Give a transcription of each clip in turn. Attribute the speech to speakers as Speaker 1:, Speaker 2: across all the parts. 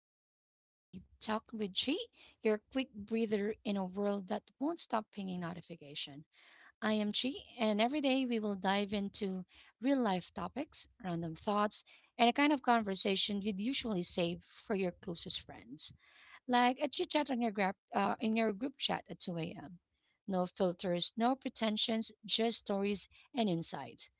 Speaker 1: Welcome to Daily Talk with Chi, your quick breather in a world that won't stop pinging notification. I am Chi, and every day we will dive into real life topics, random thoughts, and a kind of conversation you'd usually save for your closest friends, like a chit chat on your grab, in your group chat at 2 a.m. No filters, no pretensions, just stories and insights.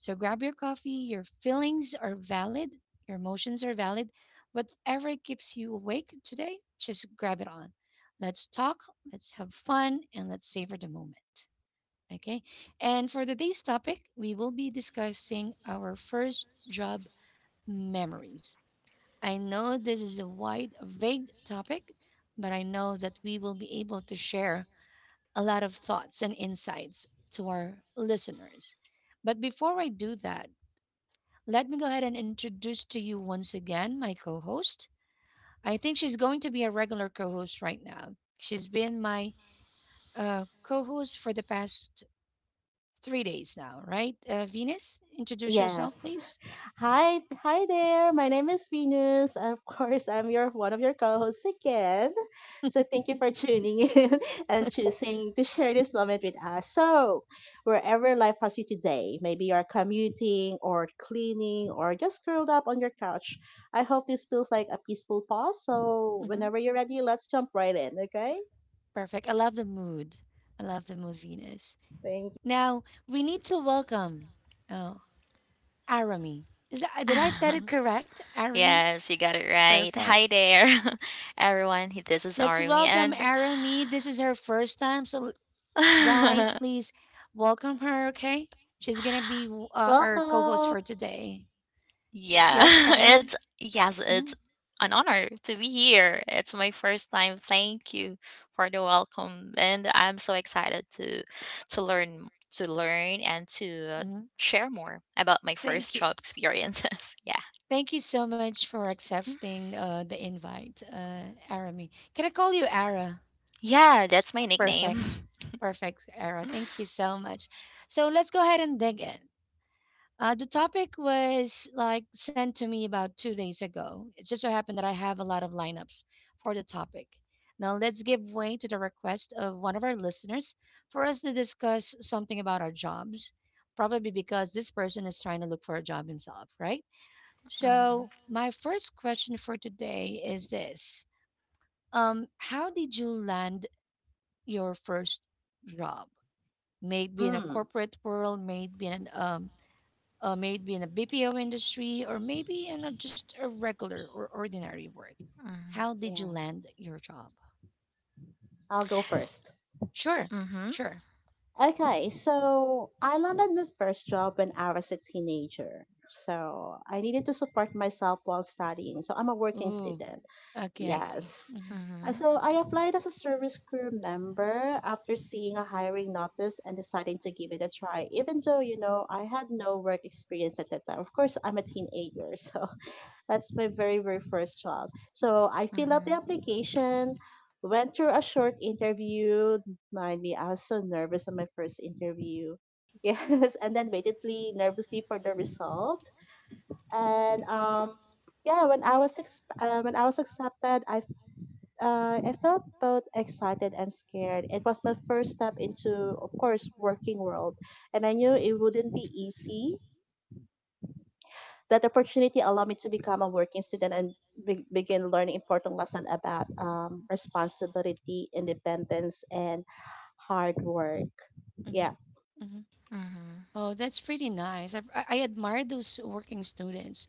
Speaker 1: So grab your coffee. Your feelings are valid, your emotions are valid. Whatever keeps you awake today, just grab it on. Let's talk, let's have fun, and let's savor the moment. Okay. And for today's topic, we will be discussing our first job memories. I know this is a wide, vague topic, but I know that we will be able to share a lot of thoughts and insights to our listeners. But before I do that, let me go ahead and introduce to you once again my co host. I think she's going to be a regular co host right now. She's been my co host for the past 3 days now, right? Venus, introduce yourself,
Speaker 2: Yes.
Speaker 1: please.
Speaker 2: Hi there. My name is Venus. Of course, I'm your one of your co-hosts again. So thank you for tuning in and choosing to share this moment with us. So, wherever life has you today, maybe you're commuting or cleaning or just curled up on your couch. I hope this feels like a peaceful pause. So,
Speaker 1: Hmm
Speaker 2: whenever you're ready, let's jump right in, okay?
Speaker 1: Perfect. I love the mood. I love the mood, Venus.
Speaker 2: Thank you.
Speaker 1: Now, we need to welcome uh, Arami. Is that, did I said it correct? Arami?
Speaker 3: Yes, you got it right.
Speaker 1: Perfect.
Speaker 3: Hi there, everyone. This is
Speaker 1: Let's
Speaker 3: Army,
Speaker 1: welcome
Speaker 3: and
Speaker 1: Arami. This is her first time, so guys,
Speaker 3: yeah,
Speaker 1: please welcome her, okay? She's gonna be our co host
Speaker 2: Welcome.
Speaker 1: for today. Yes,
Speaker 3: it's
Speaker 1: Erin?
Speaker 3: yes,
Speaker 1: Mhm,
Speaker 3: it's an honor to be here. It's my first time. Thank you for the welcome, and I'm so excited to learn to learn and to
Speaker 1: mhm.
Speaker 3: share more about my first
Speaker 1: Thank you.
Speaker 3: job experiences. yeah,
Speaker 1: Thank you so much for accepting the invite, Arami. Can I call you Ara?
Speaker 3: yeah, that's my
Speaker 1: Perfect.
Speaker 3: nickname.
Speaker 1: Perfect, Ara. Thank you so much. So let's go ahead and dig in. The topic was like sent to me about 2 days ago. It just so happened that I have a lot of lineups for the topic. Now, let's give way to the request of one of our listeners for us to discuss something about our jobs, probably because this person is trying to look for a job himself, right? So,
Speaker 3: Mm-hmm.
Speaker 1: my first question for today is this: how did you land your first job? Maybe in a
Speaker 2: Mm,
Speaker 1: corporate world, maybe in an maybe in a BPO industry, or maybe in a just a regular or ordinary work. How did you
Speaker 2: yeah.
Speaker 1: land your job?
Speaker 2: I'll go first.
Speaker 1: Sure,
Speaker 3: Mm-hmm.
Speaker 1: sure.
Speaker 2: Okay, so I landed my first job when I was a teenager. So I needed to support myself while studying. So I'm a working
Speaker 1: Ooh,
Speaker 2: student.
Speaker 1: okay, I see.
Speaker 2: Yes.
Speaker 1: Hmm
Speaker 2: Uh,
Speaker 3: Mm-hmm.
Speaker 2: So I applied as a service crew member after seeing a hiring notice and deciding to give it a try, even though, you know, I had no work experience at that time. Of course, I'm a teenager, so that's my very, very first job. So I filled out the
Speaker 3: Mhm.
Speaker 2: application, went through a short interview. Mind me, I was so nervous on my first interview. Yes, and then waitedly nervously for the result. And yeah, when I was when I was accepted, I felt both excited and scared. It was my first step into, of course, working world, and I knew it wouldn't be easy that opportunity allowed me to become a working student and begin learning important lessons about responsibility, independence, and hard work.
Speaker 1: hmm
Speaker 2: Yeah.
Speaker 1: hmm
Speaker 3: Mhm.
Speaker 1: Oh, that's pretty nice. I I admire those working students.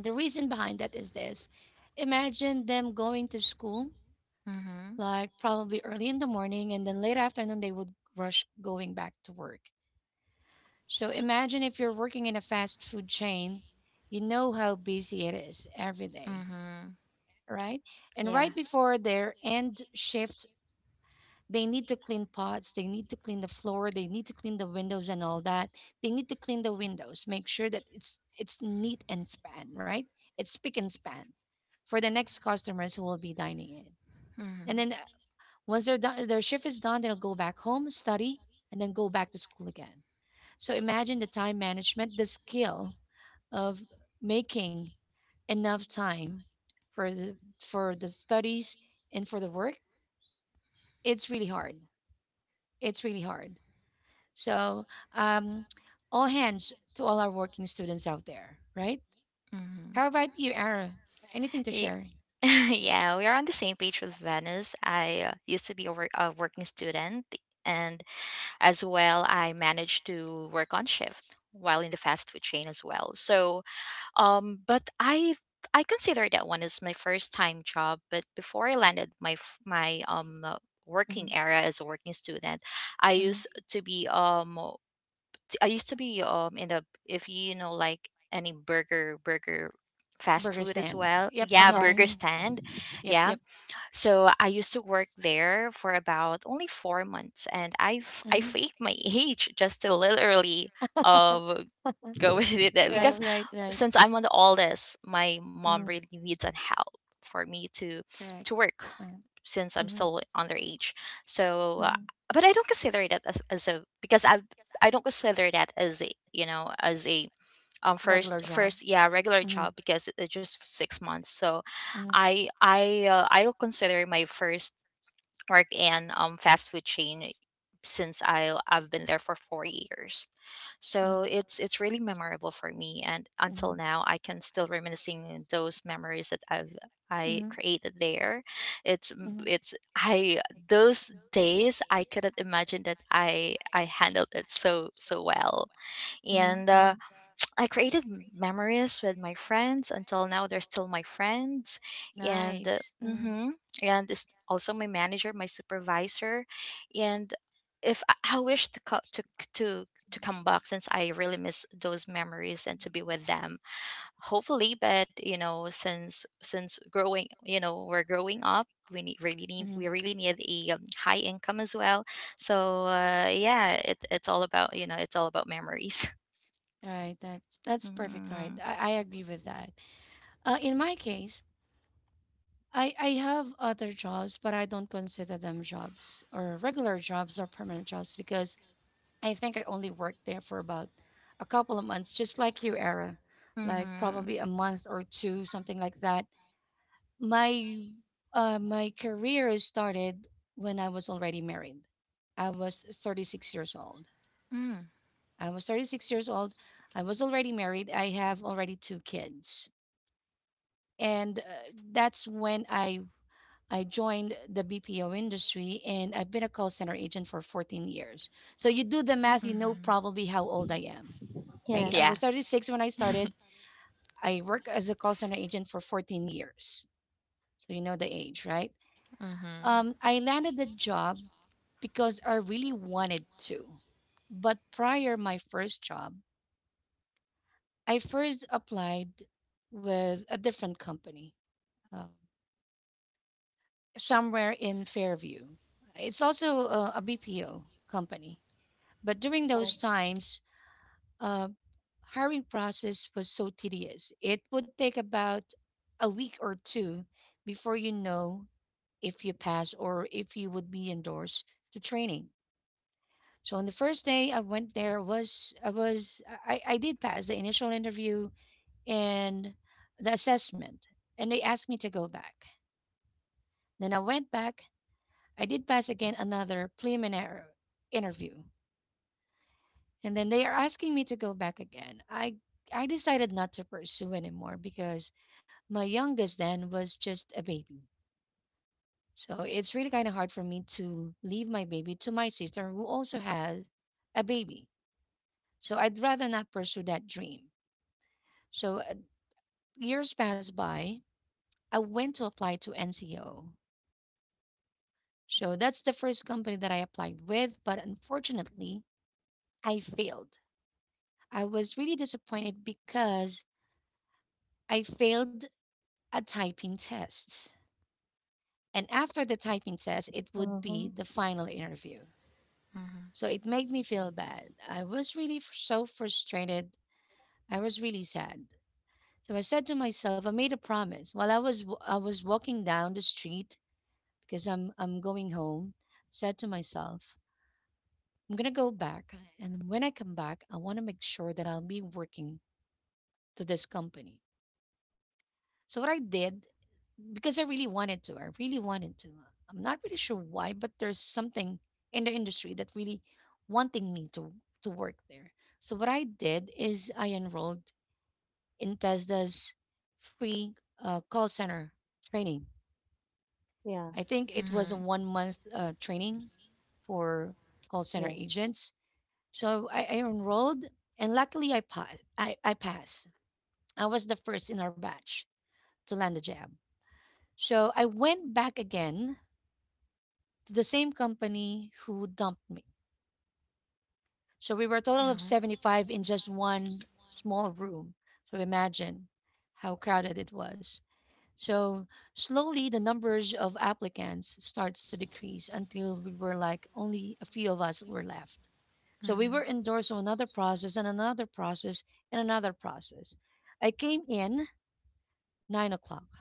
Speaker 1: The reason behind that is this: imagine them going to school
Speaker 3: Mhm.
Speaker 1: like probably early in the morning, and then late afternoon they would rush going back to work. So imagine if you're working in a fast food chain, you know how busy it is every day,
Speaker 3: Mhm.
Speaker 1: right? And
Speaker 3: Yeah.
Speaker 1: right before their end shift, they need to clean pots, they need to clean the floor, they need to clean the windows and all that. They need to clean the windows, make sure that it's neat and span, right? It's spick and span for the next customers who will be dining in. And
Speaker 3: Mhm.
Speaker 1: then once they're done, their shift is done, they'll go back home, study, and then go back to school again. So imagine the time management, the skill of making enough time for the studies and for the work. It's really hard. It's really hard. So um, all hands to all our working students out there, right?
Speaker 3: Mhm.
Speaker 1: How about you, Ara? Anything to
Speaker 3: Y-
Speaker 1: share?
Speaker 3: Yeah, we are on the same page with Venice. I used to be a working student, and as well, I managed to work on shift while in the fast food chain as well. So but I consider that one as my first time job. But before I landed my working
Speaker 1: Hmm
Speaker 3: area as a working student, I
Speaker 1: hmm
Speaker 3: used to be um in the if you know like any burger fast
Speaker 1: Burger
Speaker 3: food as
Speaker 1: stand.
Speaker 3: well,
Speaker 1: Yep.
Speaker 3: yeah,
Speaker 1: Uh-huh.
Speaker 3: burger
Speaker 2: Yes.
Speaker 1: Mhm.
Speaker 3: stand,
Speaker 1: Yep.
Speaker 3: yeah.
Speaker 1: Yep.
Speaker 3: So I used to work there for about only 4 months, and I
Speaker 1: hmm
Speaker 3: faked my age just to literally um go with it because
Speaker 1: Right.
Speaker 2: Yes.
Speaker 1: Right. Right.
Speaker 3: since I'm on the oldest, my mom
Speaker 1: Mm,
Speaker 3: really needs an help for me to
Speaker 1: correct.
Speaker 3: work
Speaker 1: Mm,
Speaker 3: since I'm
Speaker 1: mhm,
Speaker 3: still underage. So,
Speaker 1: mhm.
Speaker 3: but I don't consider that as a, because I don't consider that as a, you know, as a um
Speaker 1: Regular
Speaker 3: first
Speaker 1: job.
Speaker 3: first yeah regular
Speaker 1: Mhm,
Speaker 3: job because it's just 6 months. So,
Speaker 1: mhm,
Speaker 3: I'll consider my first work in fast food chain since I've been there for 4 years. So
Speaker 1: mhm,
Speaker 3: it's really memorable for me, and until
Speaker 1: mhm,
Speaker 3: now I can still reminiscing those memories that I
Speaker 1: mhm,
Speaker 3: created there. It's m-
Speaker 1: mhm,
Speaker 3: it's I Those days I couldn't imagine that I handled it so so well.
Speaker 1: mhm,
Speaker 3: And
Speaker 1: mhm.
Speaker 3: I created memories with my friends. Until now, they're still my friends, and
Speaker 1: Nice. Mm,
Speaker 3: and it's also my manager, my supervisor, and if I, I wish to co- to come back since I really miss those memories and to be with them. Hopefully, but you know, since growing, you know, we're growing up. We need, really need
Speaker 1: mhm.
Speaker 3: we really need a high income as well. So yeah, it, it's all about, you know, it's all about memories.
Speaker 1: Right. That that's perfect. Right,
Speaker 3: Mm.
Speaker 1: I agree with that. In my case, I have other jobs, but I don't consider them jobs or regular jobs or permanent jobs because I think I only worked there for about a couple of months, just like you, Era, like
Speaker 3: Mm-hmm.
Speaker 1: probably a month or two, something like that. My my career started when I was already married. I was 36 years old.
Speaker 3: Mm.
Speaker 1: I was 36 years old. I was already married. I have already two kids, and that's when I joined the BPO industry, and I've been a call center agent for 14 years. So you do the math, you know
Speaker 3: Mm-hmm.
Speaker 1: probably how old I am. I
Speaker 2: Yes.
Speaker 3: Yeah.
Speaker 1: was 36 when I started. I worked as a call center agent for 14 years. So you know the age, right?
Speaker 3: Mm-hmm.
Speaker 1: I landed the job because I really wanted to. But prior my first job, I first applied with a different company uh, somewhere in Fairview. It's also a BPO company. But during those
Speaker 2: Yes.
Speaker 1: times, uh, hiring process was so tedious. It would take about a week or two before you know if you pass or if you would be endorsed to training. So on the first day I went there was I was I did pass the initial interview and the assessment and they asked me to go back. Then I went back. I did pass again another preliminary interview, and then they are asking me to go back again. I decided not to pursue anymore because my youngest then was just a baby. So it's really kind of hard for me to leave my baby to my sister who also has a baby. So I'd rather not pursue that dream. So years passed by. I went to apply to NCO. So that's the first company that I applied with, but unfortunately, I failed. I was really disappointed because I failed a typing test. And after the typing test, it would be
Speaker 2: Mm-hmm.
Speaker 1: the final interview.
Speaker 3: Mm-hmm.
Speaker 1: So it made me feel bad. I was really so frustrated. I was really sad. So I said to myself, I made a promise. While I was I was walking down the street because I'm going home, said to myself, I'm going to go back and when I come back, I want to make sure that I'll be working to this company. So what I did, because I really wanted to, I really wanted to. I'm not really sure why, but there's something in the industry that really wanting me to work there. So what I did is I enrolled in Tesda's free call center training.
Speaker 2: Yeah.
Speaker 1: I think it was a
Speaker 3: Mm-hmm.
Speaker 1: 1 month training for call center
Speaker 2: Yes.
Speaker 1: agents. So I enrolled, and luckily I passed. I was the first in our batch to land a job. So I went back again to the same company who dumped me. So we were a
Speaker 3: No.
Speaker 1: total of 75 in just one small room. So imagine how crowded it was. So slowly the numbers of applicants starts to decrease until we were like only a few of us were left. So we were
Speaker 3: Mm-hmm.
Speaker 1: endorsed on another process and another process and another process. I came in 9 o'clock.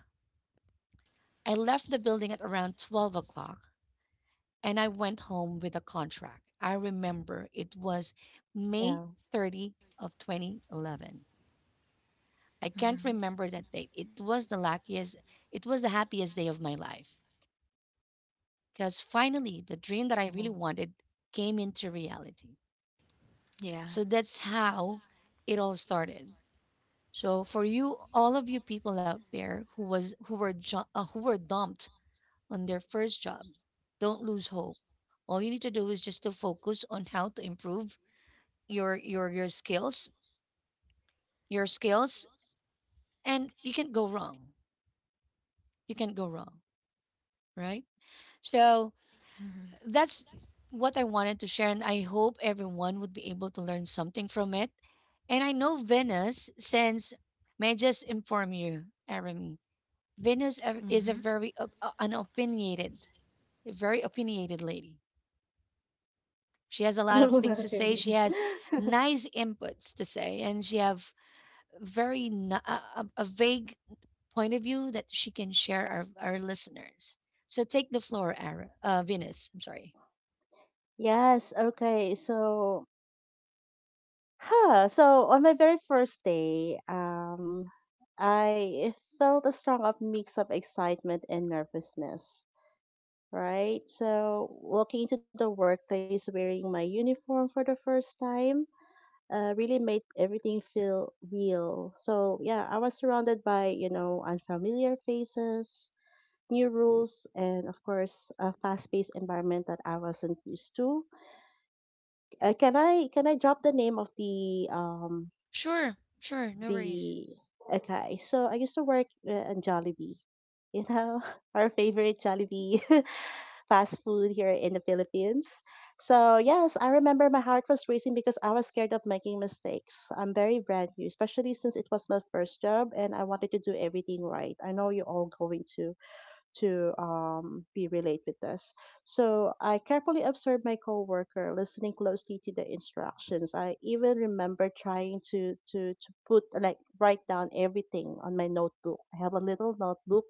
Speaker 1: I left the building at around 12 o'clock and I went home with a contract. I remember it was May
Speaker 2: Yeah.
Speaker 1: 30 of 2011. I can't
Speaker 3: Mm-hmm.
Speaker 1: remember that date. It was the luckiest, it was the happiest day of my life because finally the dream that I
Speaker 2: Yeah.
Speaker 1: really wanted came into reality.
Speaker 3: Yeah.
Speaker 1: So that's how it all started. So for you, all of you people out there who was who were who were dumped on their first job, don't lose hope. All you need to do is just to focus on how to improve your your skills, and you can't go wrong. You can't go wrong, right? So
Speaker 3: Mm-hmm.
Speaker 1: that's what I wanted to share, and I hope everyone would be able to learn something from it. And I know Venus, since may I just inform you, Arami, Venus a- is a
Speaker 3: Mm-hmm.
Speaker 1: very an opinionated, a very opinionated lady. She has a lot
Speaker 2: No,
Speaker 1: of
Speaker 2: not
Speaker 1: things to say.
Speaker 2: really.
Speaker 1: She has nice inputs to say, and she have very na- a a vague point of view that she can share our listeners. So take the floor, Ara, Venus. I'm sorry.
Speaker 2: Yes. Okay. So, huh. So on my very first day, I felt a strong of mix of excitement and nervousness. Right? So walking into the workplace wearing my uniform for the first time really made everything feel real. So yeah, I was surrounded by you know unfamiliar faces, new rules, and of course a fast-paced environment that I wasn't used to. Can I drop the name of the um
Speaker 1: Sure, sure, no worries.
Speaker 2: the okay? So I used to work in Jollibee. You know, our favorite Jollibee. fast food here in the Philippines. So yes, I remember my heart was racing because I was scared of making mistakes. I'm very brand new, especially since it was my first job and I wanted to do everything right. I know you're all going to be relate with this. So I carefully observed my coworker, listening closely to the instructions. I even remember trying to put like write down everything on my notebook. I have a little notebook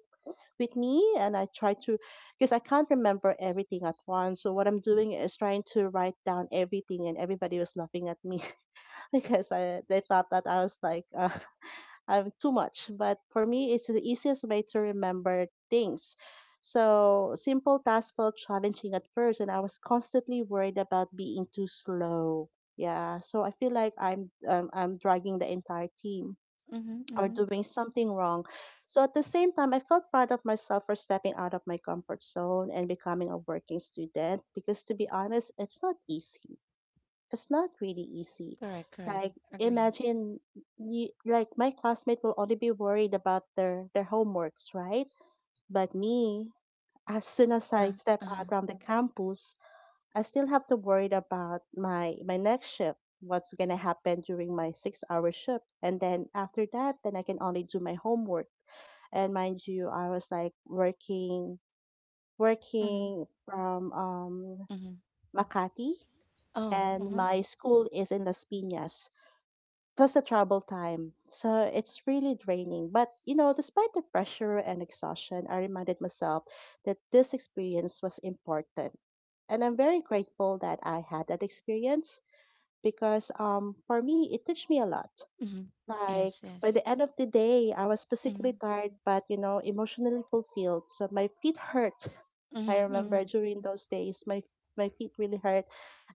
Speaker 2: with me and I try to because I can't remember everything at once. So what I'm doing is trying to write down everything and everybody was laughing at me because I, they thought that I was like I'm too much. But for me it's the easiest way to remember things. So simple tasks felt challenging at first and I was constantly worried about being too slow. Yeah, so I feel like I'm dragging the entire team
Speaker 1: Mm-hmm,
Speaker 2: or
Speaker 1: mm-hmm.
Speaker 2: doing something wrong. So at the same time, I felt proud of myself for stepping out of my comfort zone and becoming a working student because to be honest, it's not easy. It's not really easy.
Speaker 1: Correct, correct.
Speaker 2: Like
Speaker 1: Agree.
Speaker 2: imagine you, like my classmate will only be worried about their homeworks, right? But me, as soon as I
Speaker 1: Uh-huh,
Speaker 2: step
Speaker 1: uh-huh.
Speaker 2: out from the campus, I still have to worry about my next shift. What's gonna happen during my 6 hour shift? And then after that, then I can only do my homework. And mind you, I was like working
Speaker 1: Mm-hmm,
Speaker 2: working from
Speaker 1: mm-hmm.
Speaker 2: Makati,
Speaker 1: Oh,
Speaker 2: and
Speaker 1: uh-huh,
Speaker 2: my school is in Las Piñas. Plus the travel time, so it's really draining. But you know, despite the pressure and exhaustion, I reminded myself that this experience was important and I'm very grateful that I had that experience because for me, it taught me a lot.
Speaker 1: mm-hmm.
Speaker 2: Like
Speaker 1: Yes,
Speaker 2: by
Speaker 1: yes.
Speaker 2: the end of the day, I was physically
Speaker 1: Mm-hmm,
Speaker 2: tired, but you know, emotionally fulfilled. So my feet hurt. I
Speaker 1: mm-hmm, mm-hmm,
Speaker 2: remember during those days, my feet really hurt,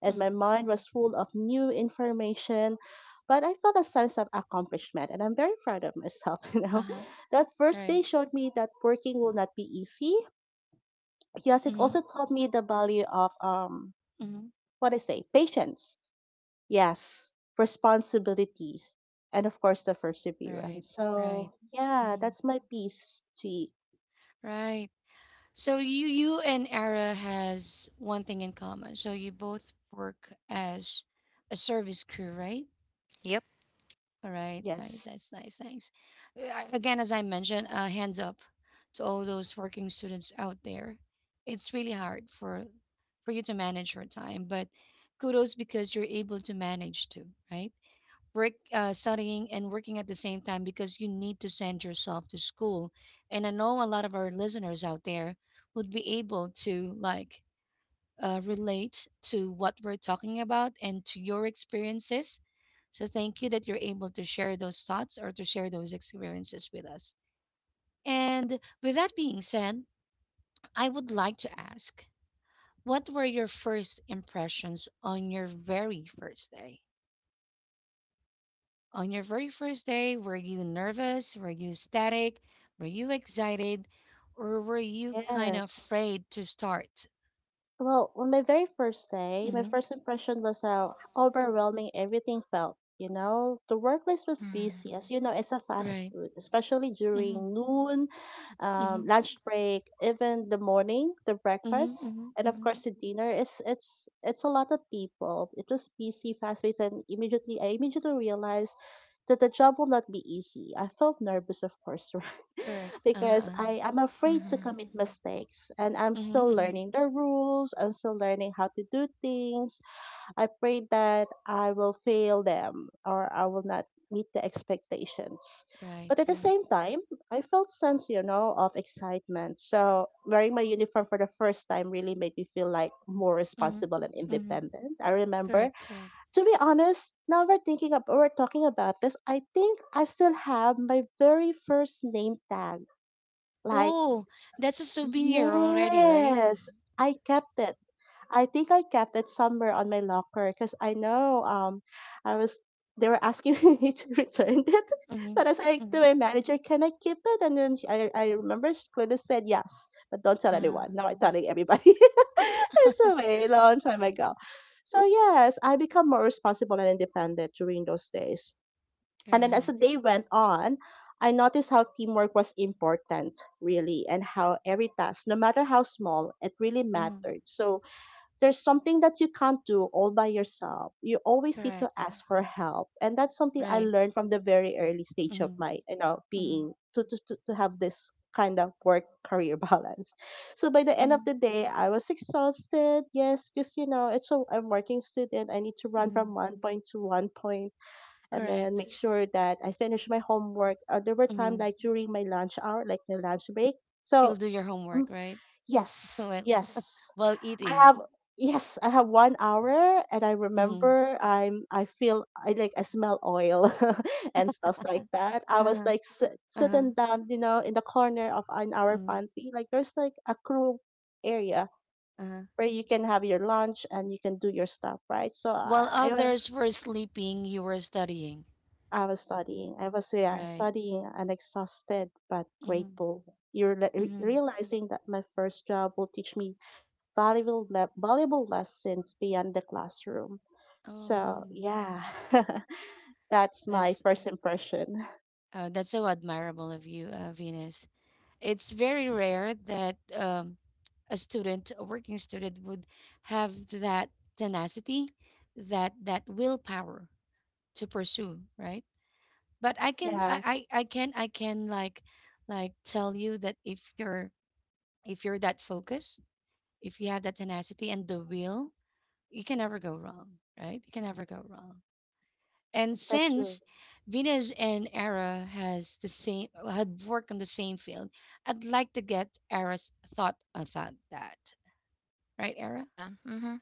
Speaker 2: and my
Speaker 1: mm-hmm.
Speaker 2: mind was full of new information. But I felt a sense of accomplishment, and I'm very proud of myself. You know,
Speaker 1: Uh-huh,
Speaker 2: that first
Speaker 1: right.
Speaker 2: day showed me that working will not be easy. Yes, it
Speaker 1: Mm-hmm,
Speaker 2: also taught me the value of
Speaker 1: mm-hmm.
Speaker 2: patience, yes, responsibilities, and of course the
Speaker 1: Right,
Speaker 2: perseverance.
Speaker 1: right.
Speaker 2: So yeah,
Speaker 1: Mm-hmm.
Speaker 2: that's my piece. To
Speaker 1: Right. So you and Ara has one thing in common. So you both work as a service crew, right?
Speaker 3: Yep.
Speaker 1: All right. Nice.
Speaker 2: yes,
Speaker 1: That's nice. Thanks. Again, as I mentioned, hands up to all those working students out there. It's really hard for you to manage your time, but kudos because you're able to manage to right work, studying and working at the same time because you need to send yourself to school. And I know a lot of our listeners out there would be able to relate to what we're talking about and to your experiences, so thank you that you're able to share those thoughts or to share those experiences with us. And with that being said, I would like to ask, what were your first impressions on your very first day? On your very first day, were you nervous? Were you static? Were you excited? Or were you kind of
Speaker 2: yes.
Speaker 1: afraid to start?
Speaker 2: Well, on my very first day, my
Speaker 1: Hmm.
Speaker 2: first impression was how overwhelming everything felt. You know, the workplace was
Speaker 3: Mm-hmm.
Speaker 2: busy, as you know, it's a fast
Speaker 1: Right.
Speaker 2: food, especially
Speaker 1: Hmm
Speaker 2: during noon,
Speaker 1: hmm
Speaker 2: lunch break, even the morning, the breakfast,
Speaker 1: hmm hmm
Speaker 2: and of
Speaker 1: hmm.
Speaker 2: course the dinner. It's a lot of people. It was busy, fast paced, and immediately realized that the job will not be easy. I felt nervous, of course,
Speaker 1: Correct.
Speaker 2: because I am afraid to
Speaker 3: Mm-hmm.
Speaker 2: commit mistakes and I'm
Speaker 1: Hmm
Speaker 2: still
Speaker 1: hmm.
Speaker 2: learning the rules. I'm still learning how to do things. I pray that I will fail them or I will not meet the expectations.
Speaker 1: Right,
Speaker 2: But at the
Speaker 1: right.
Speaker 2: same time, I felt sense, you know, of excitement. So wearing my uniform for the first time really made me feel like more
Speaker 1: Hmm
Speaker 2: responsible and
Speaker 1: hmm.
Speaker 2: independent. I
Speaker 1: Correct,
Speaker 2: remember,
Speaker 1: correct.
Speaker 2: to be honest, now we're thinking of we're talking about this. I think I still have my very first name tag like
Speaker 1: Oh, that's a souvenir already, right?
Speaker 2: yes, I kept it. I think I kept it somewhere on my locker because I know I was they were asking me to return it,
Speaker 1: Mm-hmm.
Speaker 2: but I said to
Speaker 1: Mm-hmm.
Speaker 2: my manager, "Can I keep it?" And then I remember she clearly said yes, but don't tell
Speaker 1: Uh,
Speaker 2: anyone. Now I'm telling everybody. It's a way long time ago. So yes, I become more responsible and independent during those days. And then as the
Speaker 1: right.
Speaker 2: day went on, I noticed how teamwork was important, really, and how every task, no matter how small, it really
Speaker 1: Mm-hmm.
Speaker 2: mattered. So there's something that you can't do all by yourself. You always need to
Speaker 1: Correct.
Speaker 2: ask for help. And that's something I
Speaker 1: Right.
Speaker 2: learned from the very early stage of
Speaker 1: Mm-hmm.
Speaker 2: my, you know,
Speaker 1: Mm-hmm.
Speaker 2: being to have this kind of work career balance. So by the end of
Speaker 1: Mm-hmm.
Speaker 2: the day, I was exhausted. Yes, because you know, it's a, I'm working student. I need to run from
Speaker 1: Mm-hmm.
Speaker 2: one point to one and then
Speaker 1: Correct.
Speaker 2: make sure that I finish my homework. There were time
Speaker 1: Mm-hmm.
Speaker 2: like during my lunch hour, like my lunch break.
Speaker 1: You'll
Speaker 2: So
Speaker 1: do your homework,
Speaker 2: um,
Speaker 1: right?
Speaker 2: yes,
Speaker 1: while
Speaker 2: yes,
Speaker 1: while
Speaker 2: I
Speaker 1: eating.
Speaker 2: have. Yes, I have 1 hour, and I
Speaker 1: Mm-hmm.
Speaker 2: remember I'm. I feel I like I smell oil and stuff like that. I was
Speaker 1: Uh-huh.
Speaker 2: like
Speaker 1: Uh-huh.
Speaker 2: sitting down, you know, in the corner of an our
Speaker 1: Mm-hmm.
Speaker 2: pantry. Like there's like a crew area
Speaker 1: Uh-huh.
Speaker 2: where you can have your lunch and you can do your stuff, right? So
Speaker 1: While others were sleeping, you were studying,
Speaker 2: I was studying. I was yeah,
Speaker 1: right?
Speaker 2: studying and exhausted but
Speaker 1: Mm-hmm.
Speaker 2: grateful. You're
Speaker 1: Mm-hmm.
Speaker 2: realizing that my first job will teach me valuable lessons beyond the classroom.
Speaker 1: Oh,
Speaker 2: So
Speaker 1: mhm.
Speaker 2: yeah, that's my
Speaker 1: that's
Speaker 2: first impression.
Speaker 1: that's so admirable of you, Venus. It's very rare that a student, a working student, would have that tenacity, that willpower to pursue, right? But I can,
Speaker 2: Yeah,
Speaker 1: I can, I can like tell you that if you're that focused, if you have that tenacity and the will, you can never go wrong, right? You can never go wrong. And
Speaker 2: that's true.
Speaker 1: since Venus and Era has the same had worked on the same field, I'd like to get Era's thought about that. Right, Era?
Speaker 3: Mm-hmm.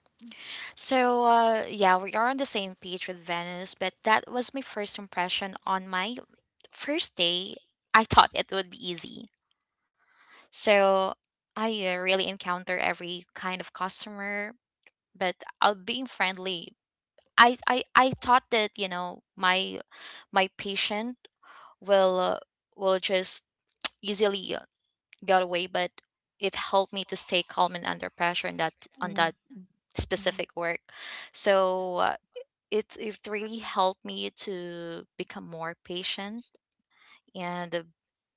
Speaker 3: So, yeah, we are on the same page with Venice, but that was my first impression on my first day. I thought it would be easy. So, I really encounter every kind of customer, but I'll being friendly. I thought that, you know, my patient will uh, will just easily get away, but it helped me to stay calm and under pressure in that on that specific work. So it it really helped me to become more patient and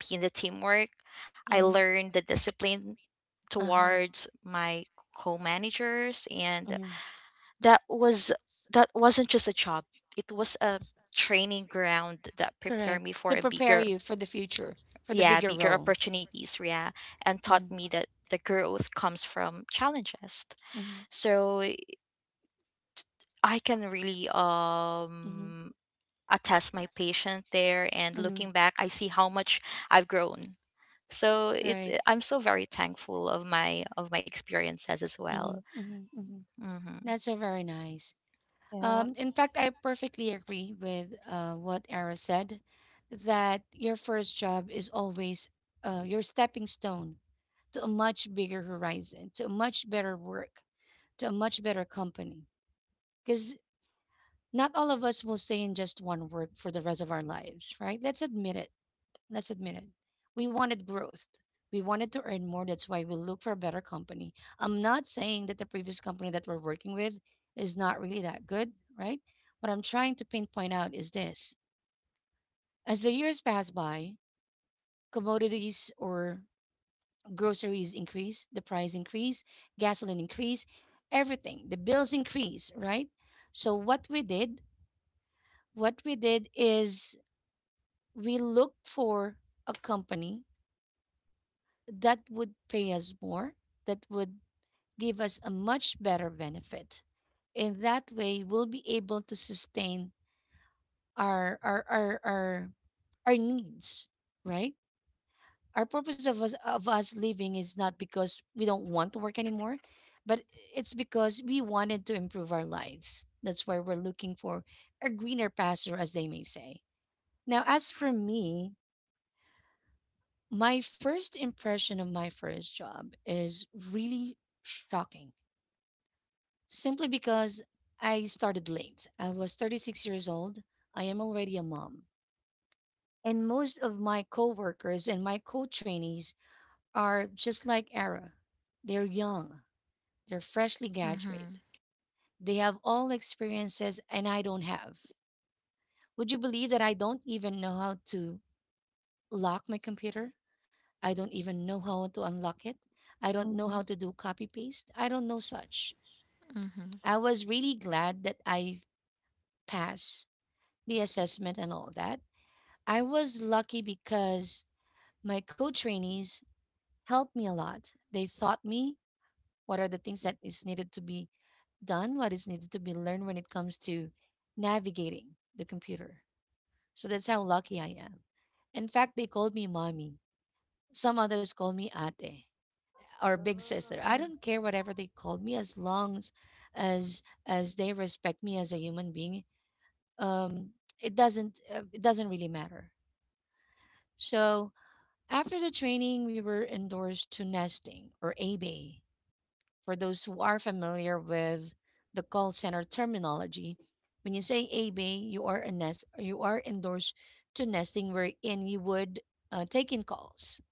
Speaker 3: be in the teamwork. I
Speaker 1: Mm-hmm.
Speaker 3: learned the discipline
Speaker 1: Uh huh.
Speaker 3: towards my co-managers, and
Speaker 1: Hmm.
Speaker 3: that was that wasn't just a job, it was a training ground that prepared
Speaker 1: Correct.
Speaker 3: me for
Speaker 1: To
Speaker 3: a
Speaker 1: prepare
Speaker 3: bigger,
Speaker 1: you for the future, for the
Speaker 3: yeah,
Speaker 1: bigger
Speaker 3: bigger
Speaker 1: role.
Speaker 3: opportunities, yeah, and taught
Speaker 1: Hmm
Speaker 3: me that the growth comes from challenges.
Speaker 1: hmm
Speaker 3: So I can really
Speaker 1: hmm
Speaker 3: attest my patient there, and
Speaker 1: hmm.
Speaker 3: looking back I see how much I've grown. So it's
Speaker 1: Right.
Speaker 3: I'm so very thankful of my experiences as well.
Speaker 1: Hmm hmm hmm.
Speaker 3: Mm-hmm.
Speaker 1: That's so very nice.
Speaker 2: Yeah.
Speaker 1: In fact, I perfectly agree with what Ara said that your first job is always your stepping stone to a much bigger horizon, to a much better work, to a much better company. Because not all of us will stay in just one work for the rest of our lives, right? Let's admit it. Let's admit it. We wanted growth. We wanted to earn more. That's why we look for a better company. I'm not saying that the previous company that we're working with is not really that good, right? What I'm trying to pinpoint out is this. As the years pass by, commodities or groceries increase, the price increase, gasoline increase, everything, the bills increase, right? So what we did is we looked for a company that would pay us more, that would give us a much better benefit. In that way, we'll be able to sustain our our our our, our needs, right? Our purpose of us living is not because we don't want to work anymore, but it's because we wanted to improve our lives. That's why we're looking for a greener pasture, as they may say. Now, as for me, my first impression of my first job is really shocking. Simply because I started late. I was 36 years old. I am already a mom. And most of my coworkers and my co-trainees are just like Ara. They're young. They're freshly
Speaker 3: Mm-hmm.
Speaker 1: graduate. They have all experiences and I don't have. Would you believe that I don't even know how to lock my computer? I don't even know how to unlock it. I don't know how
Speaker 2: Mm-hmm.
Speaker 1: to do copy paste. I don't know such. I was really glad that I passed the assessment and all that. I was lucky because my co-trainees helped me a lot. They taught me what are the things that is needed to be done, what is needed to be learned when it comes to navigating the computer. So that's how lucky I am. In fact, they called me mommy. Some others call me ate or big sister. I
Speaker 2: Wow.
Speaker 1: don't care whatever they call me, as long as as, as they respect me as a human being. Um, it doesn't really matter. So after the training, we were endorsed to nesting or a bay. For those who are familiar with the call center terminology, when you say a bay, you are a nest, you are endorsed to nesting wherein you would take in calls.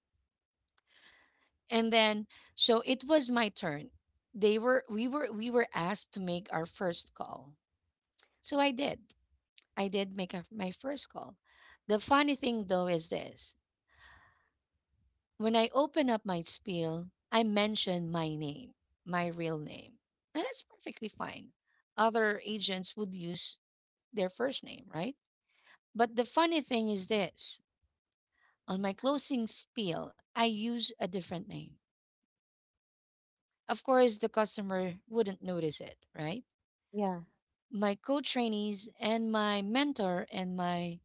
Speaker 1: And then, so it was my turn. They were, we were, we were asked to make our first call. So I did. My first call. The funny thing though is this. When I open up my spiel, I mention my name, my real name. And that's perfectly fine. Other agents would use their first name, right? But the funny thing is this, on my closing spiel, I use a different name. Of course, the customer wouldn't notice it, right?
Speaker 2: Yeah.
Speaker 1: My co trainees and my mentor and my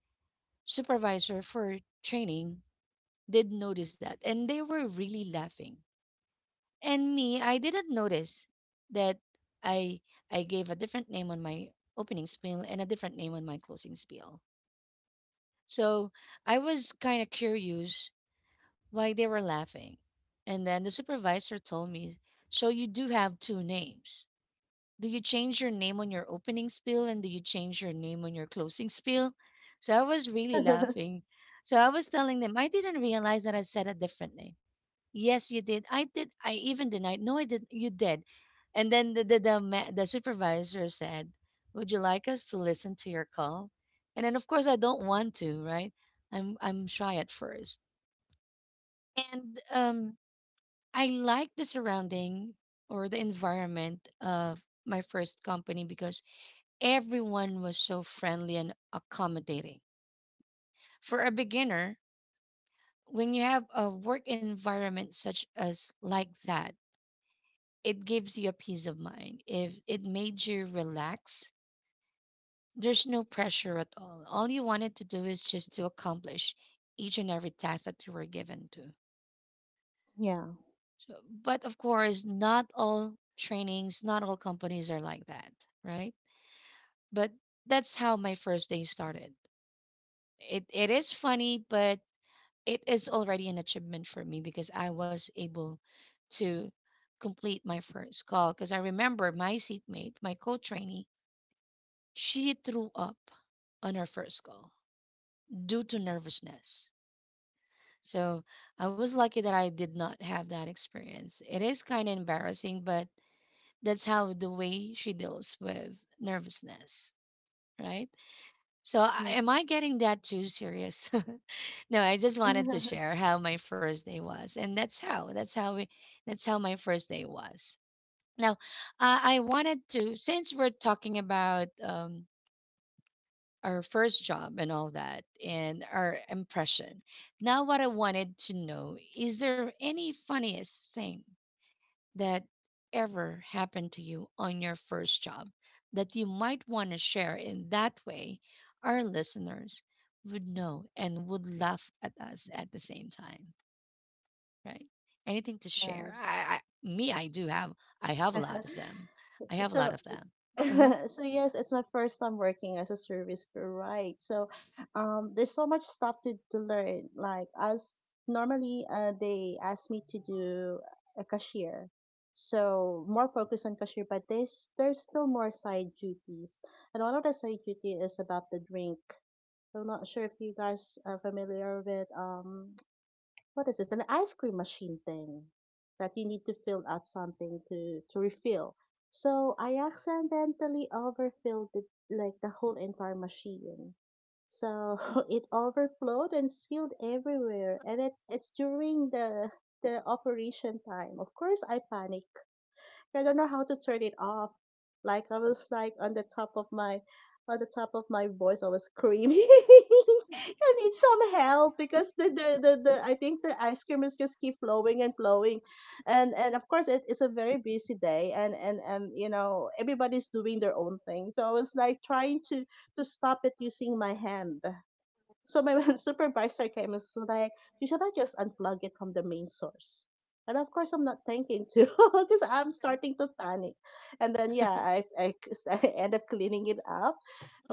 Speaker 1: supervisor for training did notice that, and they were really laughing. And me, I didn't notice that I I gave a different name on my opening spiel and a different name on my closing spiel. So I was kind of curious why they were laughing. And then the supervisor told me, "So you do have two names. Do you change your name on your opening spiel and do you change your name on your closing spiel?" So I was really laughing. So I was telling them, I didn't realize that I said a different name. Yes, you did. I did. I even denied. No, I did not. You did. And then the supervisor said, would you like us to listen to your call? And then, of course, I don't want to, right? I'm shy at first. And I like the surrounding or the environment of my first company because everyone was so friendly and accommodating. For a beginner, when you have a work environment such as like that, it gives you a peace of mind. If it made you relax, there's no pressure at all. All you wanted to do is just to accomplish each and every task that you were given to.
Speaker 2: Yeah.
Speaker 1: So, but of course, not all trainings, not all companies are like that, right? But that's how my first day started. It is funny, but it is already an achievement for me because I was able to complete my first call. Because I remember my seatmate, my co-trainee, she threw up on her first call due to nervousness. So I was lucky that I did not have that experience. It is kind of embarrassing, but that's how the way she deals with nervousness, right? So, am I
Speaker 2: Yes.
Speaker 1: getting that too serious? No, I just wanted to share how my first day was, and that's how we that's how my first day was. Now, I wanted to, since we're talking about our first job and all that, and our impression. Now, what I wanted to know is, there any funniest thing that ever happened to you on your first job that you might want to share, in that way our listeners would know and would laugh at us at the same time, right? Anything to share?
Speaker 2: Yes.
Speaker 1: I do have, I have a lot of them. I have a
Speaker 2: So
Speaker 1: lot of them. Uh-huh.
Speaker 2: so yes, it's my first time working as a service crew, right? So, there's so much stuff to learn. Like as normally, they ask me to do a cashier, so more focus on cashier. But there's still more side duties, and one of the side duty is about the drink. I'm not sure if you guys are familiar with what is this? An ice cream machine thing that you need to fill out something to refill. So I accidentally overfilled it, like the whole entire machine. So it overflowed and spilled everywhere, and it's during the operation time. Of course, I panic. I don't know how to turn it off. Like I was like on the top of my voice, I was screaming. I need some help because the I think the ice cream is just keep flowing and flowing, and of course it, it's a very busy day and you know everybody's doing their own thing. So I was like trying to stop it using my hand. So my supervisor came and was like, you should not just unplug it from the main source. And of course, I'm not thinking to because I'm starting to panic. And then, yeah, I end up cleaning it up.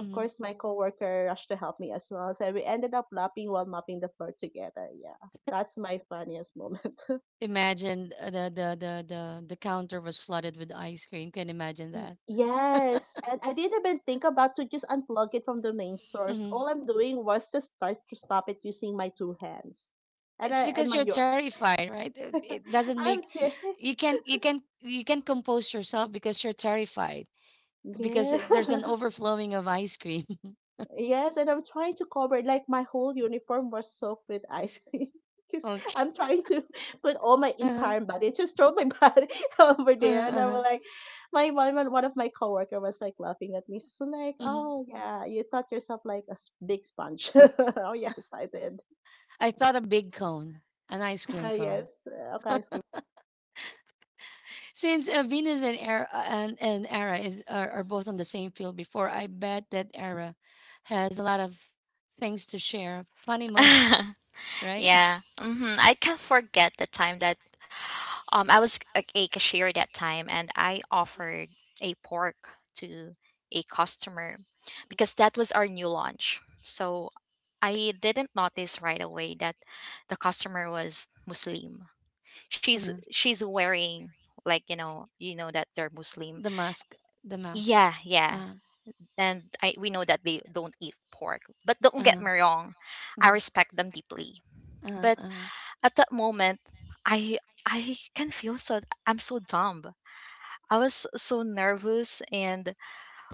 Speaker 1: Hmm.
Speaker 2: course, my coworker rushed to help me as well. So we ended up lapping while mopping the floor together. Yeah, that's my funniest moment.
Speaker 1: Imagine the counter was flooded with ice cream. Can you imagine
Speaker 2: Y-
Speaker 1: that?
Speaker 2: yes, and I didn't even think about to just unplug it from the main source. All I'm doing was just try to stop it using my two hands. And I
Speaker 1: It's
Speaker 2: and
Speaker 1: because
Speaker 2: mind
Speaker 1: you're
Speaker 2: you,
Speaker 1: terrified, right? It doesn't
Speaker 2: I'm
Speaker 1: make
Speaker 2: ter-
Speaker 1: you can compose yourself because you're terrified because
Speaker 2: yeah.
Speaker 1: there's an overflowing of ice cream.
Speaker 2: Yes, and I'm trying to cover it. Like my whole uniform was soaked with ice cream. Because
Speaker 1: Okay.
Speaker 2: I'm trying to put all my
Speaker 1: Uh-huh.
Speaker 2: entire body, just throw my body over
Speaker 1: Uh-huh.
Speaker 2: there. And I
Speaker 1: uh-huh.
Speaker 2: was like, my one one of my coworker was like laughing at me. So like,
Speaker 1: Hmm.
Speaker 2: oh yeah, you thought yourself like a big sponge. Oh yes, I did.
Speaker 1: I thought a big cone, an ice cream cone.
Speaker 2: Yes, okay, ice cream.
Speaker 1: Since Venus and Era are both on the same field before, I bet that Era has a lot of things to share, funny
Speaker 3: Mm-hmm.
Speaker 1: moments, right?
Speaker 3: Yeah. Hmm. I can't forget the time that I was a cashier that time, and I offered a pork to a customer because that was our new launch. So I didn't notice right away that the customer was Muslim.
Speaker 1: Uh.
Speaker 3: She's wearing like, you know, you know that they're Muslim.
Speaker 1: The mask, the mask.
Speaker 3: Yeah, yeah.
Speaker 1: Uh,
Speaker 3: And I, we know that they don't eat pork. But don't get
Speaker 1: uh,
Speaker 3: me wrong,
Speaker 1: uh,
Speaker 3: I respect them deeply.
Speaker 1: uh,
Speaker 3: But
Speaker 1: uh.
Speaker 3: at that moment, I can feel I'm so dumb. I was so nervous, and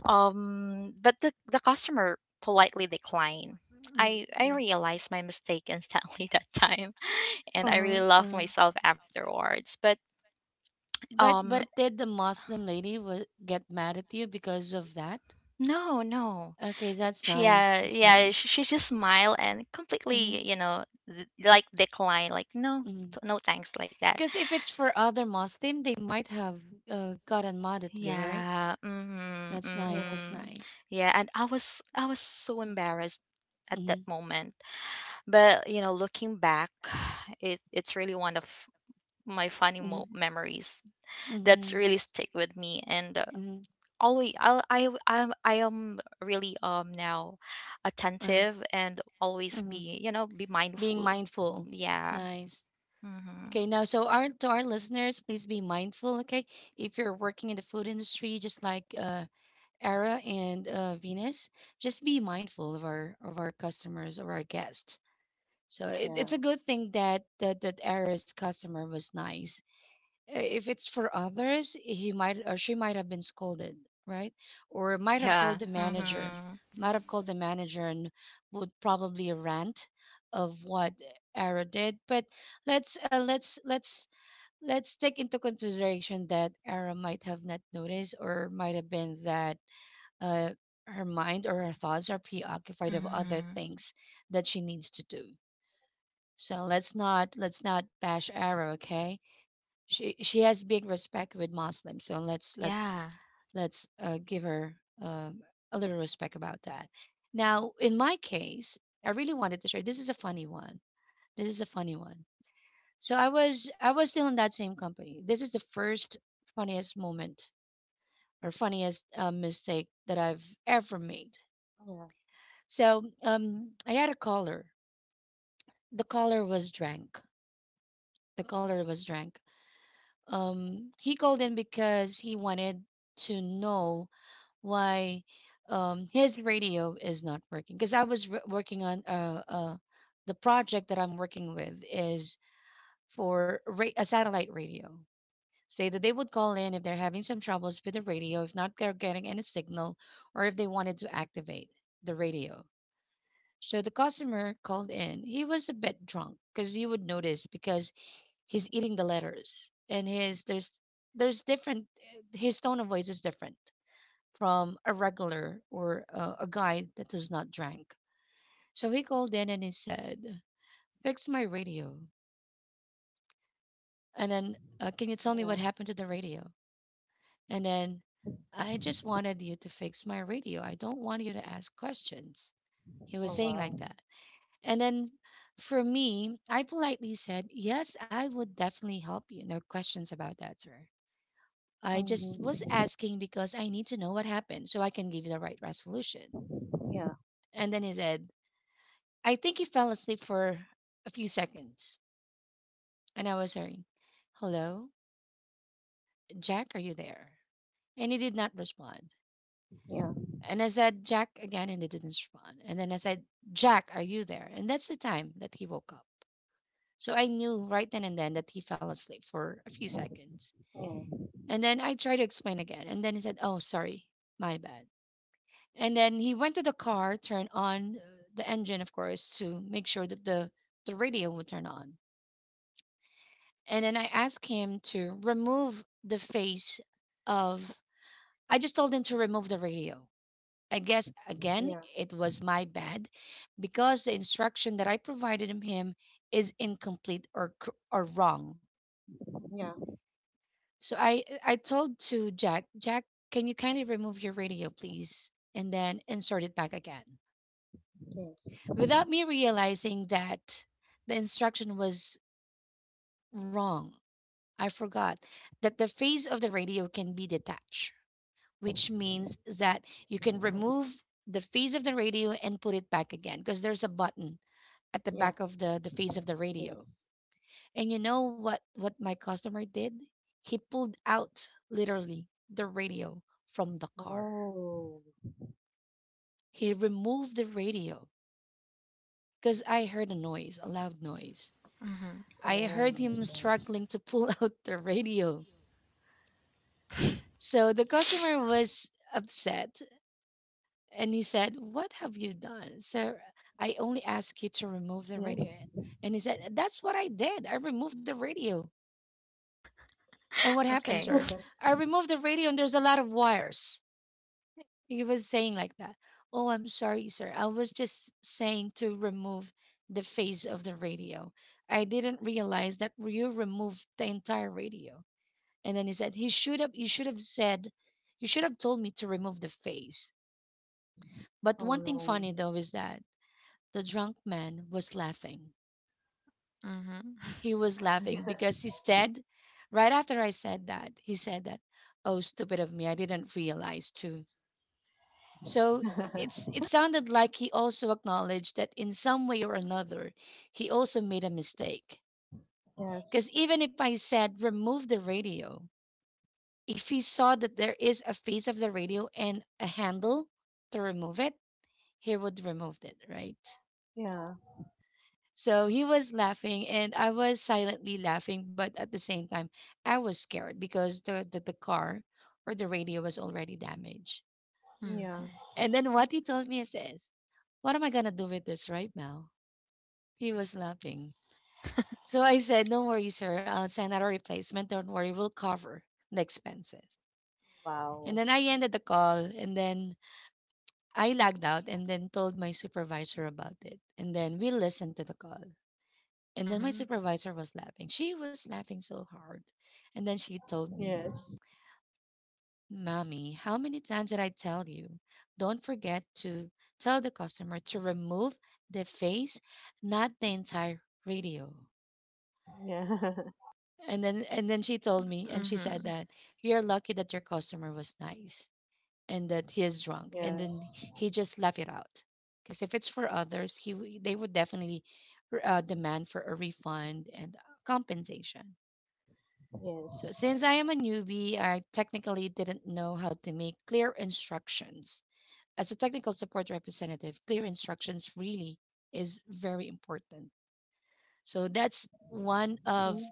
Speaker 3: but the customer politely declined. I realized my mistake instantly that time, and I really loved myself afterwards. But um
Speaker 1: But did the Muslim lady wa- get mad at you because of that?
Speaker 3: no, no.
Speaker 1: Okay, that's
Speaker 3: She
Speaker 1: nice. That's
Speaker 3: yeah,
Speaker 1: nice.
Speaker 3: she just smiled and completely, you know, like decline, like no,
Speaker 1: Mm-hmm.
Speaker 3: no thanks, like that.
Speaker 1: Because if it's for other Muslim, they might have gotten mad at you, right?
Speaker 3: Yeah. Mhm.
Speaker 1: That's nice. That's
Speaker 3: Mhm.
Speaker 2: Yes,
Speaker 1: nice.
Speaker 3: Yeah, and I was so embarrassed at that
Speaker 1: Mm-hmm.
Speaker 3: moment. But, you know, looking back, it it's really one of my funny
Speaker 1: Mm-hmm.
Speaker 3: memories that's
Speaker 1: Mm-hmm.
Speaker 3: really stick with me, and
Speaker 1: Mm-hmm.
Speaker 3: always I am really now
Speaker 1: Uh,
Speaker 3: attentive and always
Speaker 1: mm-hmm.
Speaker 3: be, you know, be
Speaker 1: Being
Speaker 3: mindful.
Speaker 1: mindful.
Speaker 3: Yeah.
Speaker 1: Nice.
Speaker 3: Mhm.
Speaker 1: Okay, now, so our to our listeners, please be mindful. Okay, if you're working in the food industry, just like Era and Venus, just be mindful of our customers or our guests. So
Speaker 2: yeah,
Speaker 1: it's a good thing that Era's customer was nice. If it's for others, he might or she might have been scolded, right? Or might have
Speaker 3: Yeah.
Speaker 1: called the
Speaker 2: true.
Speaker 1: manager,
Speaker 3: Mhm.
Speaker 1: might have called the manager and would probably rant of what Era did, but let's uh, let's let's let's take into consideration that Ara might have not noticed or might have been that uh, her mind or her thoughts are preoccupied of other
Speaker 3: Mhm.
Speaker 1: things that she needs to do. So let's not bash Ara, okay? She has big respect with Muslims, so
Speaker 3: Yeah.
Speaker 1: let's give her um, a little respect about that. Now, in my case, I really wanted to share. This is a funny one. This is a funny one. So I was still in that same company. This is the first funniest moment or funniest mistake that I've ever made.
Speaker 2: Yeah,
Speaker 1: So I had a caller. The caller was drunk. The caller was drunk. He called in because he wanted to know why his radio is not working. Because I was r working on the project that I'm working with is for a satellite radio. Say that they would call in if they're having some troubles with the radio, if not they're getting any signal, or if they wanted to activate the radio. So the customer called in. He was a bit drunk because you would notice because he's eating the letters and his there's different his tone of voice is different from a regular or a guy that does not drink. So he called in and he said, "Fix my radio." And then, "Can you tell me what
Speaker 2: yeah.
Speaker 1: happened to the radio?" And then I just wanted you to fix my radio. I don't want you to ask questions. He was
Speaker 2: Oh
Speaker 1: saying like
Speaker 2: wow.
Speaker 1: that. And then for me, I politely said, "Yes, I would definitely help you. No questions about that, sir. I just was
Speaker 2: Mm-hmm.
Speaker 1: asking because I need to know what happened so I can give you the right resolution."
Speaker 2: Yeah,
Speaker 1: And then he said, I think he fell asleep for a few seconds. And I was hearing, "Hello, Jack, are you there?" And he did not respond.
Speaker 2: yeah,
Speaker 1: And I said, "Jack," again, and he didn't respond. And then I said, "Jack, are you there?" And that's the time that he woke up. So I knew right then and then that he fell asleep for a few seconds.
Speaker 2: yeah.
Speaker 1: And then I tried to explain again. And then he said, "Oh, sorry, my bad." And then he went to the car, turned on the engine, of course, to make sure that the radio would turn on. And then I asked him to remove the face of, I just told him to remove the radio. I guess again,
Speaker 2: Yeah,
Speaker 1: it was my bad because the instruction that I provided him is incomplete or wrong.
Speaker 2: yeah,
Speaker 1: So I told to Jack, "Jack, can you kindly remove your radio, please, and then insert it back again."
Speaker 2: yes,
Speaker 1: Without me realizing that the instruction was wrong, I forgot that the phase of the radio can be detached, which means that you can
Speaker 2: uh,
Speaker 1: remove the phase of the radio and put it back again because there's a button at the
Speaker 2: yeah,
Speaker 1: back of the face of the radio.
Speaker 2: yes.
Speaker 1: And you know what my customer did? He pulled out literally the radio from the car.
Speaker 2: Oh,
Speaker 1: He removed the radio because I heard a noise, a loud noise.
Speaker 3: Mhm.
Speaker 1: I
Speaker 2: oh
Speaker 1: heard
Speaker 2: my
Speaker 1: him
Speaker 2: gosh.
Speaker 1: struggling to pull out the radio. So the customer was upset and he said, "What have you done? Sir, I only asked you to remove the
Speaker 2: Yes.
Speaker 1: radio." And he said, "That's what I did. I removed the radio." "And what happened,
Speaker 3: Okay.
Speaker 1: sir?" "I removed the radio and there's a lot of wires." He was saying like that. "Oh, I'm sorry, sir. I was just saying to remove the face of the radio. I didn't realize that you removed the entire radio." And then he said, He should have "You should have said, you should have told me to remove the face." But
Speaker 2: Oh
Speaker 1: one thing
Speaker 2: no.
Speaker 1: funny though is that the drunk man was laughing.
Speaker 3: Mhm.
Speaker 1: He was laughing because he said, right after I said that, he said that, "Oh, stupid of me, I didn't realize too." So it sounded like he also acknowledged that in some way or another, he also made a mistake. Because
Speaker 2: Yes.
Speaker 1: even if I said remove the radio, if he saw that there is a face of the radio and a handle to remove it, he would remove it, right?
Speaker 2: Yeah.
Speaker 1: So he was laughing and I was silently laughing, but at the same time, I was scared because the car or the radio was already damaged.
Speaker 2: Yeah.
Speaker 3: Mm-hmm.
Speaker 1: And then what he told me is this: "What am I going to do with this right now?" He was laughing. So I said, "Don't worry, sir. I'll send out a replacement. Don't worry. We'll cover the expenses." And
Speaker 2: Wow.
Speaker 1: then I ended the call and then I lagged out and then told my supervisor about it. And then we listened to the call. And then my
Speaker 3: Mm-hmm.
Speaker 1: supervisor was laughing. She was laughing so hard. And then she told me,
Speaker 2: Yes.
Speaker 1: "Mommy, how many times did I tell you? Don't forget to tell the customer to remove the face, not the entire radio."
Speaker 2: Yeah.
Speaker 1: And then she told me and she said
Speaker 3: Mm-hmm.
Speaker 1: that you're lucky that your customer was nice and that he is drunk. And then
Speaker 2: Yes.
Speaker 1: he just laughed it out. Because if it's for others, they would definitely demand for a refund and compensation. So,
Speaker 2: Yes.
Speaker 1: since I am a newbie, I technically didn't know how to make clear instructions. As a technical support representative, clear instructions really is very important. So, that's one
Speaker 2: Hmm.
Speaker 1: of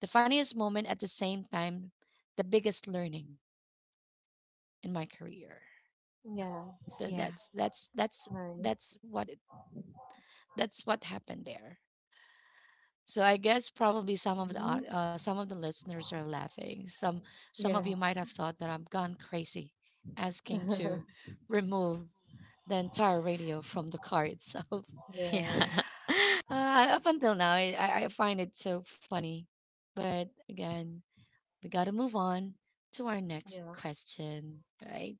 Speaker 1: the funniest moment at the same time the biggest learning in my career.
Speaker 3: Yeah.
Speaker 2: Yeah.
Speaker 1: So
Speaker 3: Yeah.
Speaker 2: Nice.
Speaker 1: that's that's what happened there. So I guess probably some of the
Speaker 2: Hmm.
Speaker 1: some of the listeners are laughing. Some of you
Speaker 2: Yes.
Speaker 1: might have thought that I've gone crazy asking to remove the entire radio from the car itself.
Speaker 3: Yeah.
Speaker 2: Yes.
Speaker 1: Up until now, I find it so funny. But again, we got to move on to our next
Speaker 2: Yeah.
Speaker 1: question, right?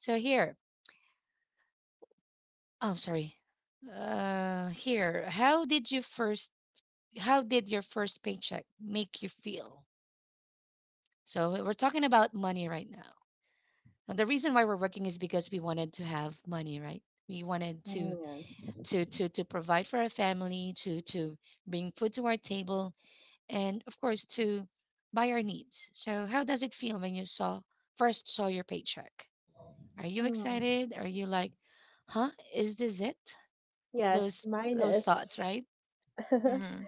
Speaker 1: So here, oh, I'm sorry. Here, How did your first paycheck make you feel? So we're talking about money right now. And the reason why we're working is because we wanted to have money, right? We wanted
Speaker 2: Mm, yes.
Speaker 1: to provide for our family, to bring food to our table, and of course to buy our needs. So how does it feel when you saw first saw your paycheck? Are you
Speaker 2: Mm.
Speaker 1: excited? Are you like, huh? Is this it?
Speaker 2: Yes.
Speaker 1: Those
Speaker 2: Mine
Speaker 1: those
Speaker 2: is.
Speaker 1: thoughts, right?
Speaker 3: Mm-hmm.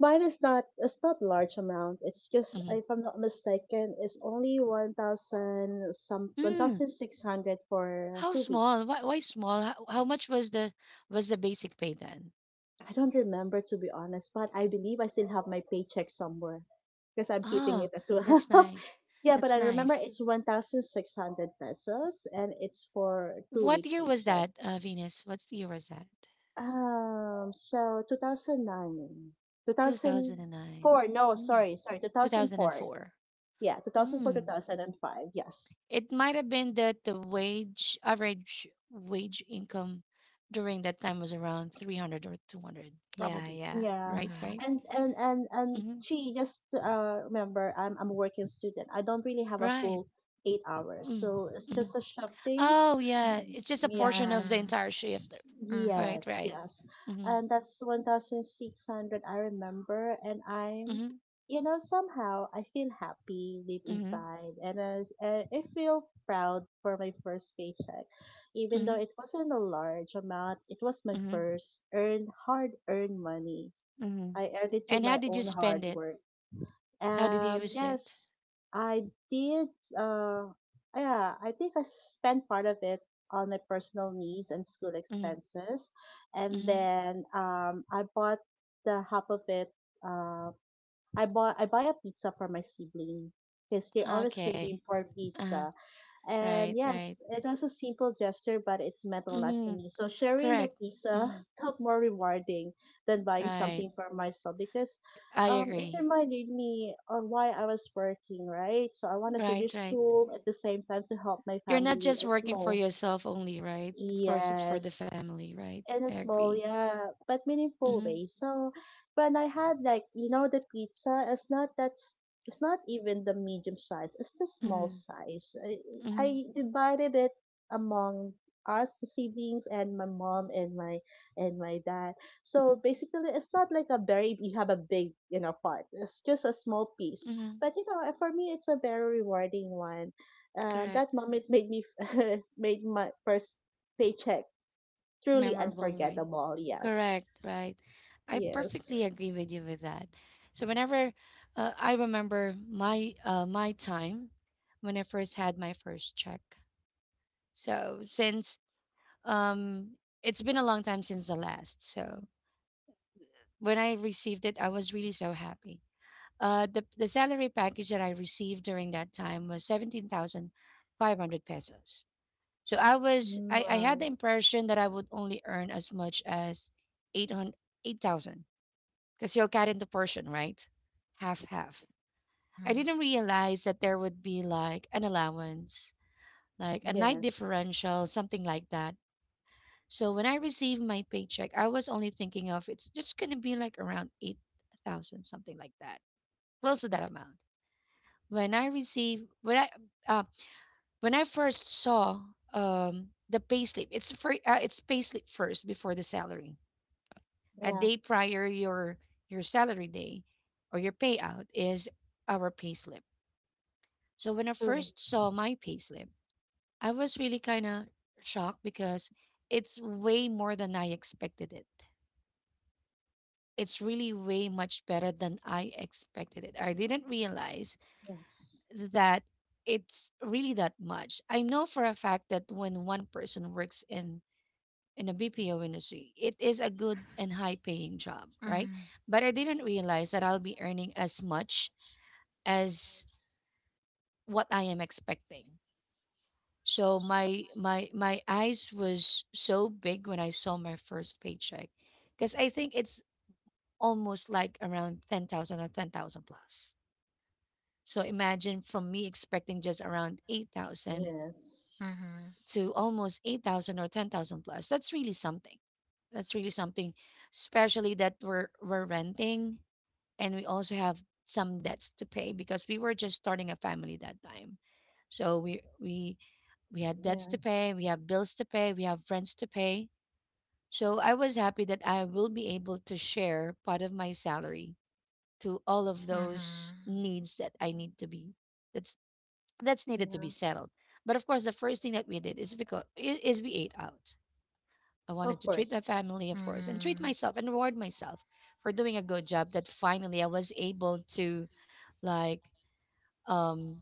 Speaker 2: Mine is not it's not large amount. It's just
Speaker 1: Mm-hmm.
Speaker 2: if I'm not mistaken, it's only 1,000 some one
Speaker 1: Mm,
Speaker 2: thousand six hundred for
Speaker 1: how
Speaker 2: two
Speaker 1: small?
Speaker 2: weeks.
Speaker 1: Why small? How much was the basic pay then?
Speaker 2: I don't remember to be honest, but I believe I still have my paycheck somewhere because I'm keeping it
Speaker 1: Oh,
Speaker 2: as
Speaker 1: that's
Speaker 2: well.
Speaker 1: nice.
Speaker 2: Yeah, but
Speaker 1: That's
Speaker 2: I remember
Speaker 1: nice.
Speaker 2: it's 1,600 pesos and it's for two
Speaker 1: What
Speaker 2: week
Speaker 1: year was
Speaker 2: paycheck.
Speaker 1: that, Venus? What year was that?
Speaker 2: So 2009, two thousand
Speaker 1: 2009.
Speaker 2: four. No,
Speaker 1: Hmm.
Speaker 2: sorry, sorry, 2004.
Speaker 1: 2004.
Speaker 2: Yeah, 2004,
Speaker 1: Hmm.
Speaker 2: 2005. Yes.
Speaker 1: It might have been that average wage income during that time was around 300 or 200,
Speaker 3: Yeah.
Speaker 1: probably.
Speaker 3: Yeah.
Speaker 2: Yeah,
Speaker 1: Right,
Speaker 3: Mm-hmm.
Speaker 1: right?
Speaker 2: and
Speaker 1: Hmm.
Speaker 2: she just remember, I'm a working student. I don't really have a
Speaker 1: Right.
Speaker 2: full 8 hours,
Speaker 1: Mm,
Speaker 2: so it's
Speaker 1: mm-hmm.
Speaker 2: just a shop thing.
Speaker 1: Oh, yeah.
Speaker 2: Mm,
Speaker 1: It's just a portion
Speaker 2: yeah.
Speaker 1: of the
Speaker 3: Mm-hmm.
Speaker 1: entire shift. All
Speaker 3: Mm-hmm.
Speaker 1: right,
Speaker 2: Yes,
Speaker 1: right.
Speaker 2: yes.
Speaker 1: Mm-hmm.
Speaker 2: And that's 1,600, I remember. And I'm,
Speaker 1: Mm-hmm.
Speaker 2: you know, somehow I feel happy deep
Speaker 1: Mm-hmm.
Speaker 2: inside. And I feel proud for my first paycheck. Even
Speaker 1: Mm-hmm.
Speaker 2: though it wasn't a large amount, it was my
Speaker 1: Mm-hmm.
Speaker 2: first earned, hard earned money.
Speaker 1: Mm-hmm.
Speaker 2: I earned it through
Speaker 1: And how
Speaker 2: my
Speaker 1: did you
Speaker 2: own
Speaker 1: spend
Speaker 2: hard
Speaker 1: it?
Speaker 2: work.
Speaker 1: How did you
Speaker 2: Um,
Speaker 1: use it?
Speaker 2: yes, I did. Uh, yeah, I think I spent part of it on my personal needs and school
Speaker 1: Mm-hmm.
Speaker 2: expenses, and
Speaker 1: Mm-hmm.
Speaker 2: then I bought the half of it. Uh, I buy a pizza for my sibling because they're always
Speaker 1: Okay.
Speaker 2: craving for
Speaker 1: Uh,
Speaker 2: pizza.
Speaker 1: right,
Speaker 2: And yes,
Speaker 1: right.
Speaker 2: it was a simple gesture, but it's meant a lot to
Speaker 1: Mm-hmm.
Speaker 2: me. So sharing the
Speaker 1: Correct.
Speaker 2: pizza
Speaker 1: Mm,
Speaker 2: felt more rewarding than buying
Speaker 1: right.
Speaker 2: something for myself because
Speaker 1: I
Speaker 2: it
Speaker 1: agree.
Speaker 2: reminded me of why I was working, right? So I want to
Speaker 1: Right,
Speaker 2: finish
Speaker 1: right.
Speaker 2: school at the same time to help my
Speaker 1: You're not
Speaker 2: family
Speaker 1: just
Speaker 2: and
Speaker 1: working for
Speaker 2: small.
Speaker 1: yourself only, right? Of course, it's for the
Speaker 2: Yes,
Speaker 1: family, right?
Speaker 2: in
Speaker 1: I
Speaker 2: a small,
Speaker 1: agree.
Speaker 2: yeah, but meaningful
Speaker 1: Mm-hmm.
Speaker 2: way. So when I had like you know the pizza, it's not that's it's not even the medium size. It's the small
Speaker 1: Mm-hmm.
Speaker 2: size.
Speaker 1: Mm-hmm.
Speaker 2: I divided it among us, the siblings, and my mom and my dad. So basically, it's not like a very you have a big you know part. It's just a small piece.
Speaker 1: Mm-hmm.
Speaker 2: But you know, for me, it's a very rewarding one. Uh,
Speaker 1: Correct.
Speaker 2: that moment made me made my first paycheck truly
Speaker 1: Memorable, right?
Speaker 2: unforgettable. Yes.
Speaker 1: Correct, right? I
Speaker 2: Yes.
Speaker 1: perfectly agree with you with that. So whenever I remember my my time when I first had my first check. So since um it's been a long time since the last. So when I received it, I was really so happy. The salary package that I received during that time was 17,500 pesos. So
Speaker 2: Mm,
Speaker 1: I had the
Speaker 2: wow.
Speaker 1: impression that I would only earn as much as eight hundred eight thousand because you'll cut into portion, right? Half half. I
Speaker 3: Mm-hmm.
Speaker 1: didn't realize that there would be like an allowance, like a night
Speaker 2: Yes.
Speaker 1: differential, something like that. So when I received my paycheck, I was only thinking of it's just going to be like around 8,000 something like that. Close to that amount. When I received um when I first saw the payslip, it's for it's payslip first before the salary. A
Speaker 2: Yeah,
Speaker 1: day prior your salary day or your payout is our payslip. So when I
Speaker 2: true.
Speaker 1: first saw my payslip, I was really kind of shocked because it's way more than I expected it. It's really way much better than I expected it. I didn't realize
Speaker 2: Yes.
Speaker 1: that it's really that much. I know for a fact that when one person works in the BPO industry. It is a good and high paying job, right?
Speaker 3: Mm-hmm.
Speaker 1: But I didn't realize that I'll be earning as much as what I am expecting. So my eyes was so big when I saw my first paycheck because I think it's almost like around 10,000 or 10,000 plus. So imagine from me expecting just around 8,000
Speaker 2: Yes.
Speaker 3: Mm-hmm.
Speaker 1: to almost 8,000 or 10,000 plus. That's really something. That's really something, especially that we're renting and we also have some debts to pay because we were just starting a family that time. So we had debts to
Speaker 2: Yes.
Speaker 1: pay, we have bills to pay, we have rents to pay. So I was happy that I will be able to share part of my salary to all of those needs that I need to be that's that's needed to be
Speaker 2: Yeah.
Speaker 1: settled. But of course, the first thing that we did is because is we ate out. I wanted
Speaker 2: Of
Speaker 1: to treat my
Speaker 2: course.
Speaker 1: family, of course, and treat myself and reward myself for doing a good job. That finally I was able to, like, um,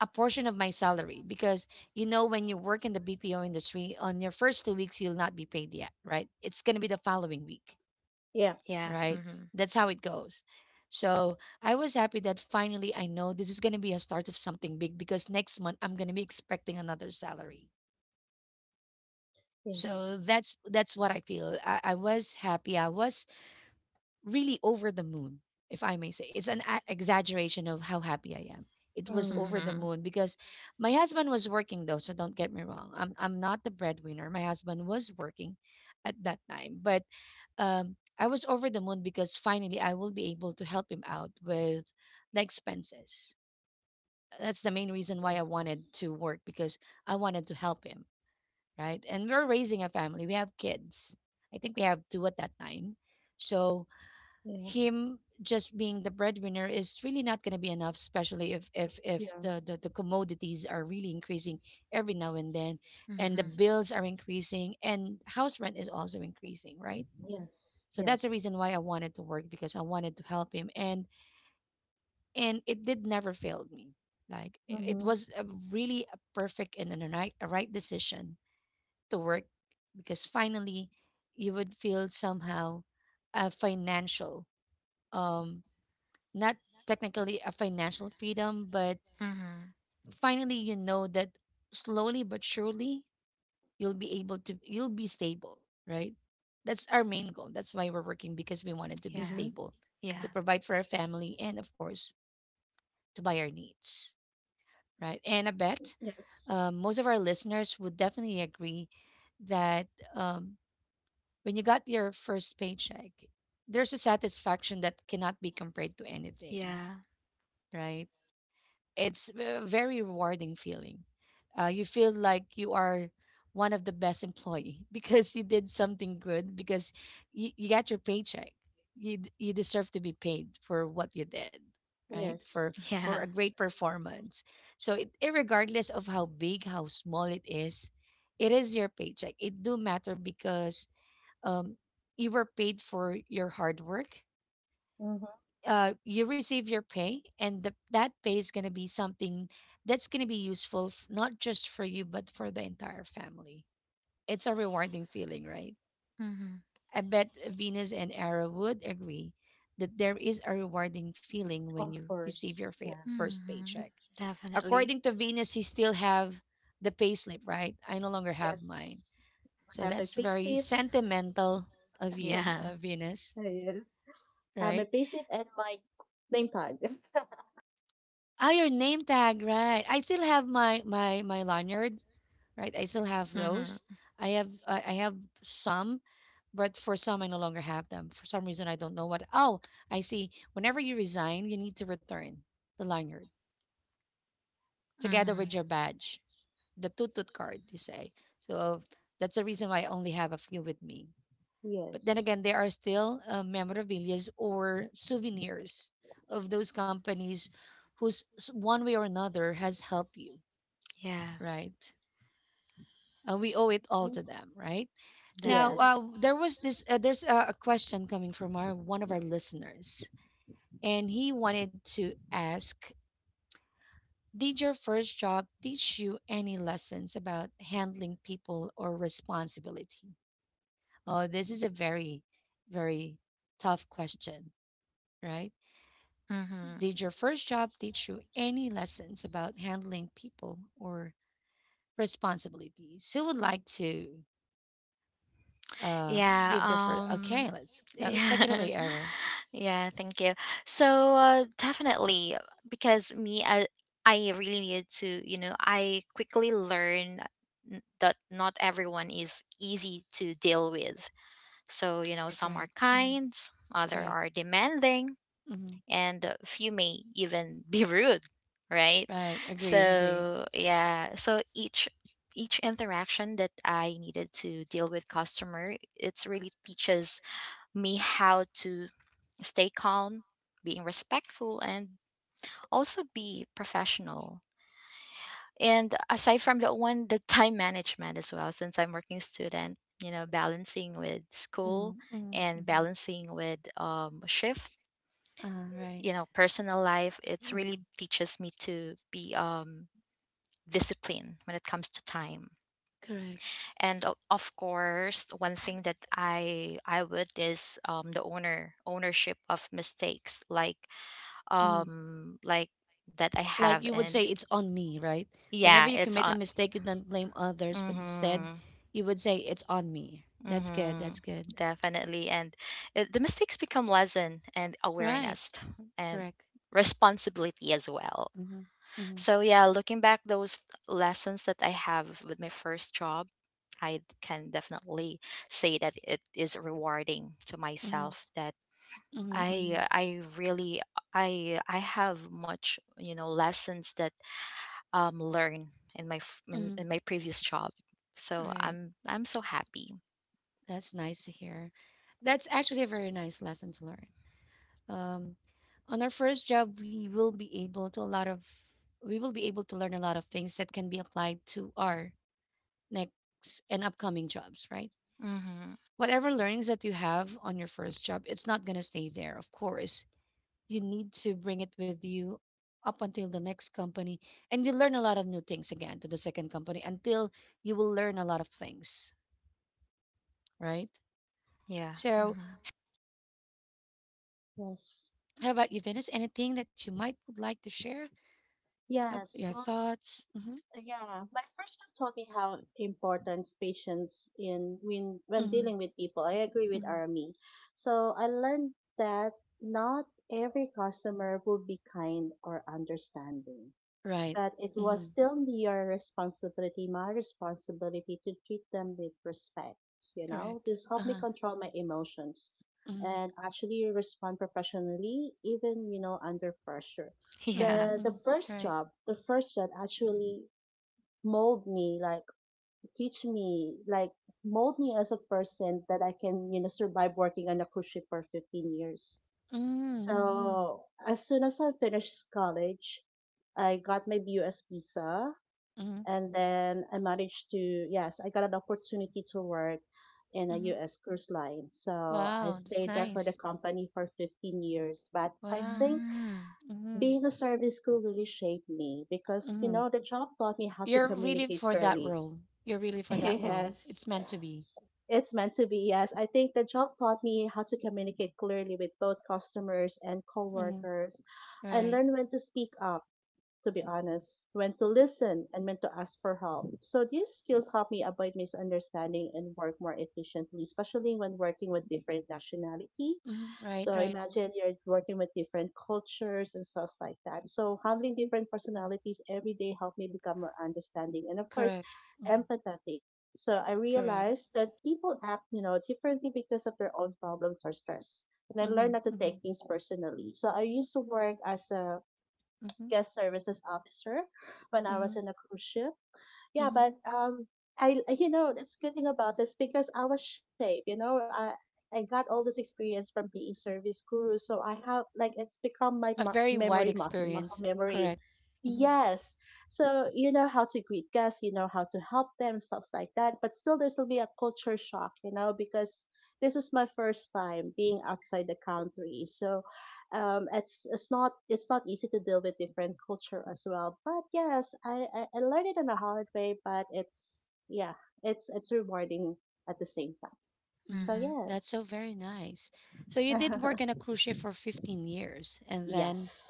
Speaker 1: a portion of my salary because you know when you work in the BPO industry, on your first 2 weeks you'll not be paid yet, right? It's gonna be the following week.
Speaker 2: Yeah.
Speaker 3: Yeah.
Speaker 1: Right?
Speaker 3: Mm-hmm.
Speaker 1: That's how it goes. So I was happy that finally I know this is going to be a start of something big because next month I'm going to be expecting another salary. So
Speaker 2: Yes.
Speaker 1: that's what I feel. I was happy. I was really over the moon, if I may say. It's an exaggeration of how happy I am. It was
Speaker 2: Mm.
Speaker 1: over the
Speaker 3: Mm-hmm.
Speaker 1: moon because my husband was working though. So don't get me wrong. I'm not the breadwinner. My husband was working at that time, but I was over the moon because finally I will be able to help him out with the expenses. That's the main reason why I wanted
Speaker 2: Yes.
Speaker 1: to work because I wanted to help him, right? And we're raising a family. We have kids. I think we have two at that time. So
Speaker 2: Yeah.
Speaker 1: him just being the breadwinner is really not going to be enough, especially if
Speaker 2: Yeah.
Speaker 1: the commodities are really increasing every now and then, and the bills are increasing, and house rent is also increasing, right?
Speaker 2: Yes.
Speaker 1: So that's the
Speaker 2: Yes.
Speaker 1: reason why I wanted to work because I wanted to help him and it did never failed me. Like it
Speaker 2: Mm-hmm.
Speaker 1: was a really a perfect and a right decision to work because finally you would feel somehow a financial um not technically a financial freedom but
Speaker 3: Mm-hmm.
Speaker 1: finally you know that slowly but surely you'll be stable, right? That's our main goal. That's why we're working, because we wanted to be
Speaker 3: Yeah.
Speaker 2: Mm-hmm.
Speaker 1: stable, to
Speaker 3: Yeah.
Speaker 1: provide for our family and of course to buy our needs, right? And I bet
Speaker 2: Yes.
Speaker 1: most of our listeners would definitely agree that, um, when you got your first paycheck, there's a satisfaction that cannot be compared to anything,
Speaker 3: Yeah.
Speaker 1: right? It's a very rewarding feeling. You feel like you are one of the best employee because you did something good because you got your paycheck. You deserve to be paid for what you did, right?
Speaker 2: Yes.
Speaker 1: For
Speaker 3: Yeah.
Speaker 1: a great performance. So it regardless of how big, how small it is your paycheck. It do matter because um you were paid for your hard work.
Speaker 2: Mm-hmm.
Speaker 1: You receive your pay and that pay is going to be something that's going to be useful not just for you but for the entire family. It's a rewarding feeling, right?
Speaker 3: Mm-hmm.
Speaker 1: I bet Venus and Arrow would agree that there is a rewarding feeling when
Speaker 2: Of
Speaker 1: you receive
Speaker 2: course.
Speaker 1: your first
Speaker 2: Yes.
Speaker 3: Mm-hmm.
Speaker 1: paycheck.
Speaker 2: Yes.
Speaker 3: Definitely.
Speaker 1: According to Venus, he still have the payslip, right? I no longer have mine.
Speaker 2: Yes. I
Speaker 1: So
Speaker 2: have my
Speaker 1: that's very
Speaker 2: payslip.
Speaker 1: sentimental of you,
Speaker 3: Yeah.
Speaker 1: Venus,
Speaker 2: Yes. My
Speaker 1: right?
Speaker 2: payslip and my name tag.
Speaker 1: Oh, your name tag, right. I still have my lanyard, right? I still have those.
Speaker 3: Mm-hmm.
Speaker 1: I have some, but for some I no longer have them. For some reason I don't know what. Oh, I see. Whenever you resign, you need to return the lanyard together with your
Speaker 3: Mm-hmm.
Speaker 1: badge, the tutut card, you say. So that's the reason why I only have a few with me. But then
Speaker 2: Yes.
Speaker 1: again, there are still memorabilias or souvenirs of those companies who's one way or another has helped you,
Speaker 3: Yeah.
Speaker 1: right? We owe it all
Speaker 2: Mhm.
Speaker 1: to them, right? Now,
Speaker 3: Definitely.
Speaker 2: Yes.
Speaker 1: there was this. There's a question coming from our one of our listeners, and he wanted to ask: did your first job teach you any lessons about handling people or responsibility? Oh, this is a very, very tough question, right?
Speaker 3: Mm-hmm.
Speaker 1: Did your first job teach you any lessons about handling people or responsibilities? Who would like to? Uh,
Speaker 3: Yeah,
Speaker 1: give the first. Okay, let's take it
Speaker 3: yeah.
Speaker 1: away, Era.
Speaker 3: Yeah, thank you. So definitely, because I really needed to, you know, I quickly learned that not everyone is easy to deal with. So, you know,
Speaker 1: Right,
Speaker 3: some are
Speaker 1: right, mm-hmm.
Speaker 3: kind, other
Speaker 1: Right,
Speaker 3: are demanding,
Speaker 1: mm-hmm.
Speaker 3: and a few may even be rude, right?
Speaker 1: Right. Agree, agree.
Speaker 3: So, yeah, so each interaction that I needed to deal with customer, it's really teaches me how to stay calm, being respectful, and also be professional. And aside from that one, the time management as well, since I'm working student, you know, balancing with
Speaker 1: Mm-hmm.
Speaker 3: school
Speaker 1: Mm-hmm.
Speaker 3: and
Speaker 1: Mm-hmm.
Speaker 3: balancing with shift,
Speaker 1: Right.
Speaker 3: you know, personal life, it's
Speaker 1: Mm-hmm.
Speaker 3: really teaches me to be disciplined when it comes to time,
Speaker 1: Correct.
Speaker 3: and of course one thing that I would is the owner ownership of mistakes,
Speaker 1: Mm-hmm.
Speaker 3: like that I
Speaker 1: Like
Speaker 3: have
Speaker 1: you would say,
Speaker 3: and
Speaker 1: it's on me, right? Whenever
Speaker 3: yeah
Speaker 1: you
Speaker 3: it's
Speaker 1: commit a
Speaker 3: on
Speaker 1: mistake, you don't blame others, but instead,
Speaker 3: Mm-hmm,
Speaker 1: you would say it's on me. That's good.
Speaker 3: mm-hmm,
Speaker 1: That's good.
Speaker 3: definitely. And it, the mistakes become lesson and
Speaker 1: Right.
Speaker 3: awareness and
Speaker 1: Correct.
Speaker 3: responsibility as well.
Speaker 1: Mm-hmm. Mm-hmm.
Speaker 3: So yeah, looking back those lessons that I have with my first job, I can definitely say that it is rewarding to
Speaker 1: Mm-hmm.
Speaker 3: myself that
Speaker 1: Mm-hmm, mm-hmm,
Speaker 3: I really I have much, you know, lessons that learn in my
Speaker 1: mm-hmm.
Speaker 3: in my previous job. So
Speaker 1: Right.
Speaker 3: I'm so happy.
Speaker 1: That's nice to hear. That's actually a very nice lesson to learn. um, on our first job, we will be able to learn a lot of things that can be applied to our next and upcoming jobs, right?
Speaker 3: Mhm.
Speaker 1: Whatever learnings that you have on your first job, it's not going to stay there. Of course you need to bring it with you up until the next company, and you learn a lot of new things again to the second company until you will learn a lot of things, right?
Speaker 3: Yeah.
Speaker 1: So
Speaker 3: Mhm.
Speaker 2: Yes.
Speaker 1: how about you, Venus, anything that you might would like to share, have
Speaker 2: Yes.
Speaker 1: your
Speaker 2: Well,
Speaker 1: thoughts? Hmm.
Speaker 2: yeah. My first job taught me how important patience in when
Speaker 1: Hmm.
Speaker 2: dealing with people. I agree with
Speaker 1: Hmm.
Speaker 2: Army. So I learned that not every customer will be kind or understanding.
Speaker 1: Right.
Speaker 2: That it was
Speaker 1: Mhm.
Speaker 2: still your responsibility, my responsibility to treat them with respect, you know?
Speaker 1: Correct.
Speaker 2: This helped me
Speaker 1: Uh-huh.
Speaker 2: control my emotions
Speaker 1: Mhm.
Speaker 2: and actually respond professionally, even, under pressure.
Speaker 1: Mhm.
Speaker 3: Yeah.
Speaker 2: The the
Speaker 1: Mhm.
Speaker 2: first
Speaker 1: Right.
Speaker 2: job, the first job actually mold me, like teach me, like mold me as a person that I can, you know, survive working on a cruise ship for 15 years.
Speaker 1: Mm-hmm.
Speaker 2: So as soon as I finished college, I got my BUS visa
Speaker 1: Mhm.
Speaker 2: and then I managed to, yes, I got an opportunity to work in a
Speaker 1: Mhm.
Speaker 2: US cruise line. So I
Speaker 1: Wow, that's
Speaker 2: stayed there for the
Speaker 1: nice.
Speaker 2: company for 15 years, but I
Speaker 1: Wow.
Speaker 2: think
Speaker 1: Mhm.
Speaker 2: being a service crew really shaped me because you
Speaker 1: Mhm.
Speaker 2: know the job taught me how to
Speaker 1: You're really
Speaker 2: communicate
Speaker 1: for that
Speaker 2: clearly.
Speaker 1: role. You're really for that role. It's
Speaker 2: Yes.
Speaker 1: meant to be.
Speaker 2: It's meant to be, yes. I think the job taught me how to communicate clearly with both customers and
Speaker 1: Mhm.
Speaker 2: coworkers. I
Speaker 1: Right.
Speaker 2: learned when to speak up, to be honest, when to listen and when to ask for help. So these skills help me avoid misunderstanding and work more efficiently, especially when working with different nationality.
Speaker 1: Mhm. Right,
Speaker 2: So
Speaker 1: right.
Speaker 2: imagine you're working with different cultures and stuff like that. So handling different personalities every day helped me become more understanding and of course
Speaker 1: Correct. Mhm.
Speaker 2: empathetic. So I
Speaker 1: Correct.
Speaker 2: realized that people act, you know, differently because of their own problems or stress. And I learned
Speaker 1: Mhm.
Speaker 2: not to
Speaker 1: Mhm.
Speaker 2: take things personally. So I used to work as a
Speaker 1: Mhm.
Speaker 2: guest services officer when I was
Speaker 1: Mhm.
Speaker 2: in a cruise ship. Yeah,
Speaker 1: Mhm.
Speaker 2: but you know that's good thing about this because I was shaped. You know, I got all this experience from being service crew, so I have like it's become my
Speaker 1: A very wide
Speaker 2: memory muscle
Speaker 1: experience.
Speaker 2: memory.
Speaker 1: Correct. Mhm.
Speaker 2: Yes, so you know how to greet guests, you know how to help them, stuff like that. But still, there's will be a culture shock, you know, because this is my first time being outside the country. So it's not easy to deal with different culture as well, but yes, I learned it in a hard way, but it's yeah, it's rewarding at the same time. So
Speaker 1: Mhm.
Speaker 3: Mhm.
Speaker 1: That's
Speaker 2: yes.
Speaker 1: so very nice. So you did work in a cruise ship for 15 years and then
Speaker 2: Yes,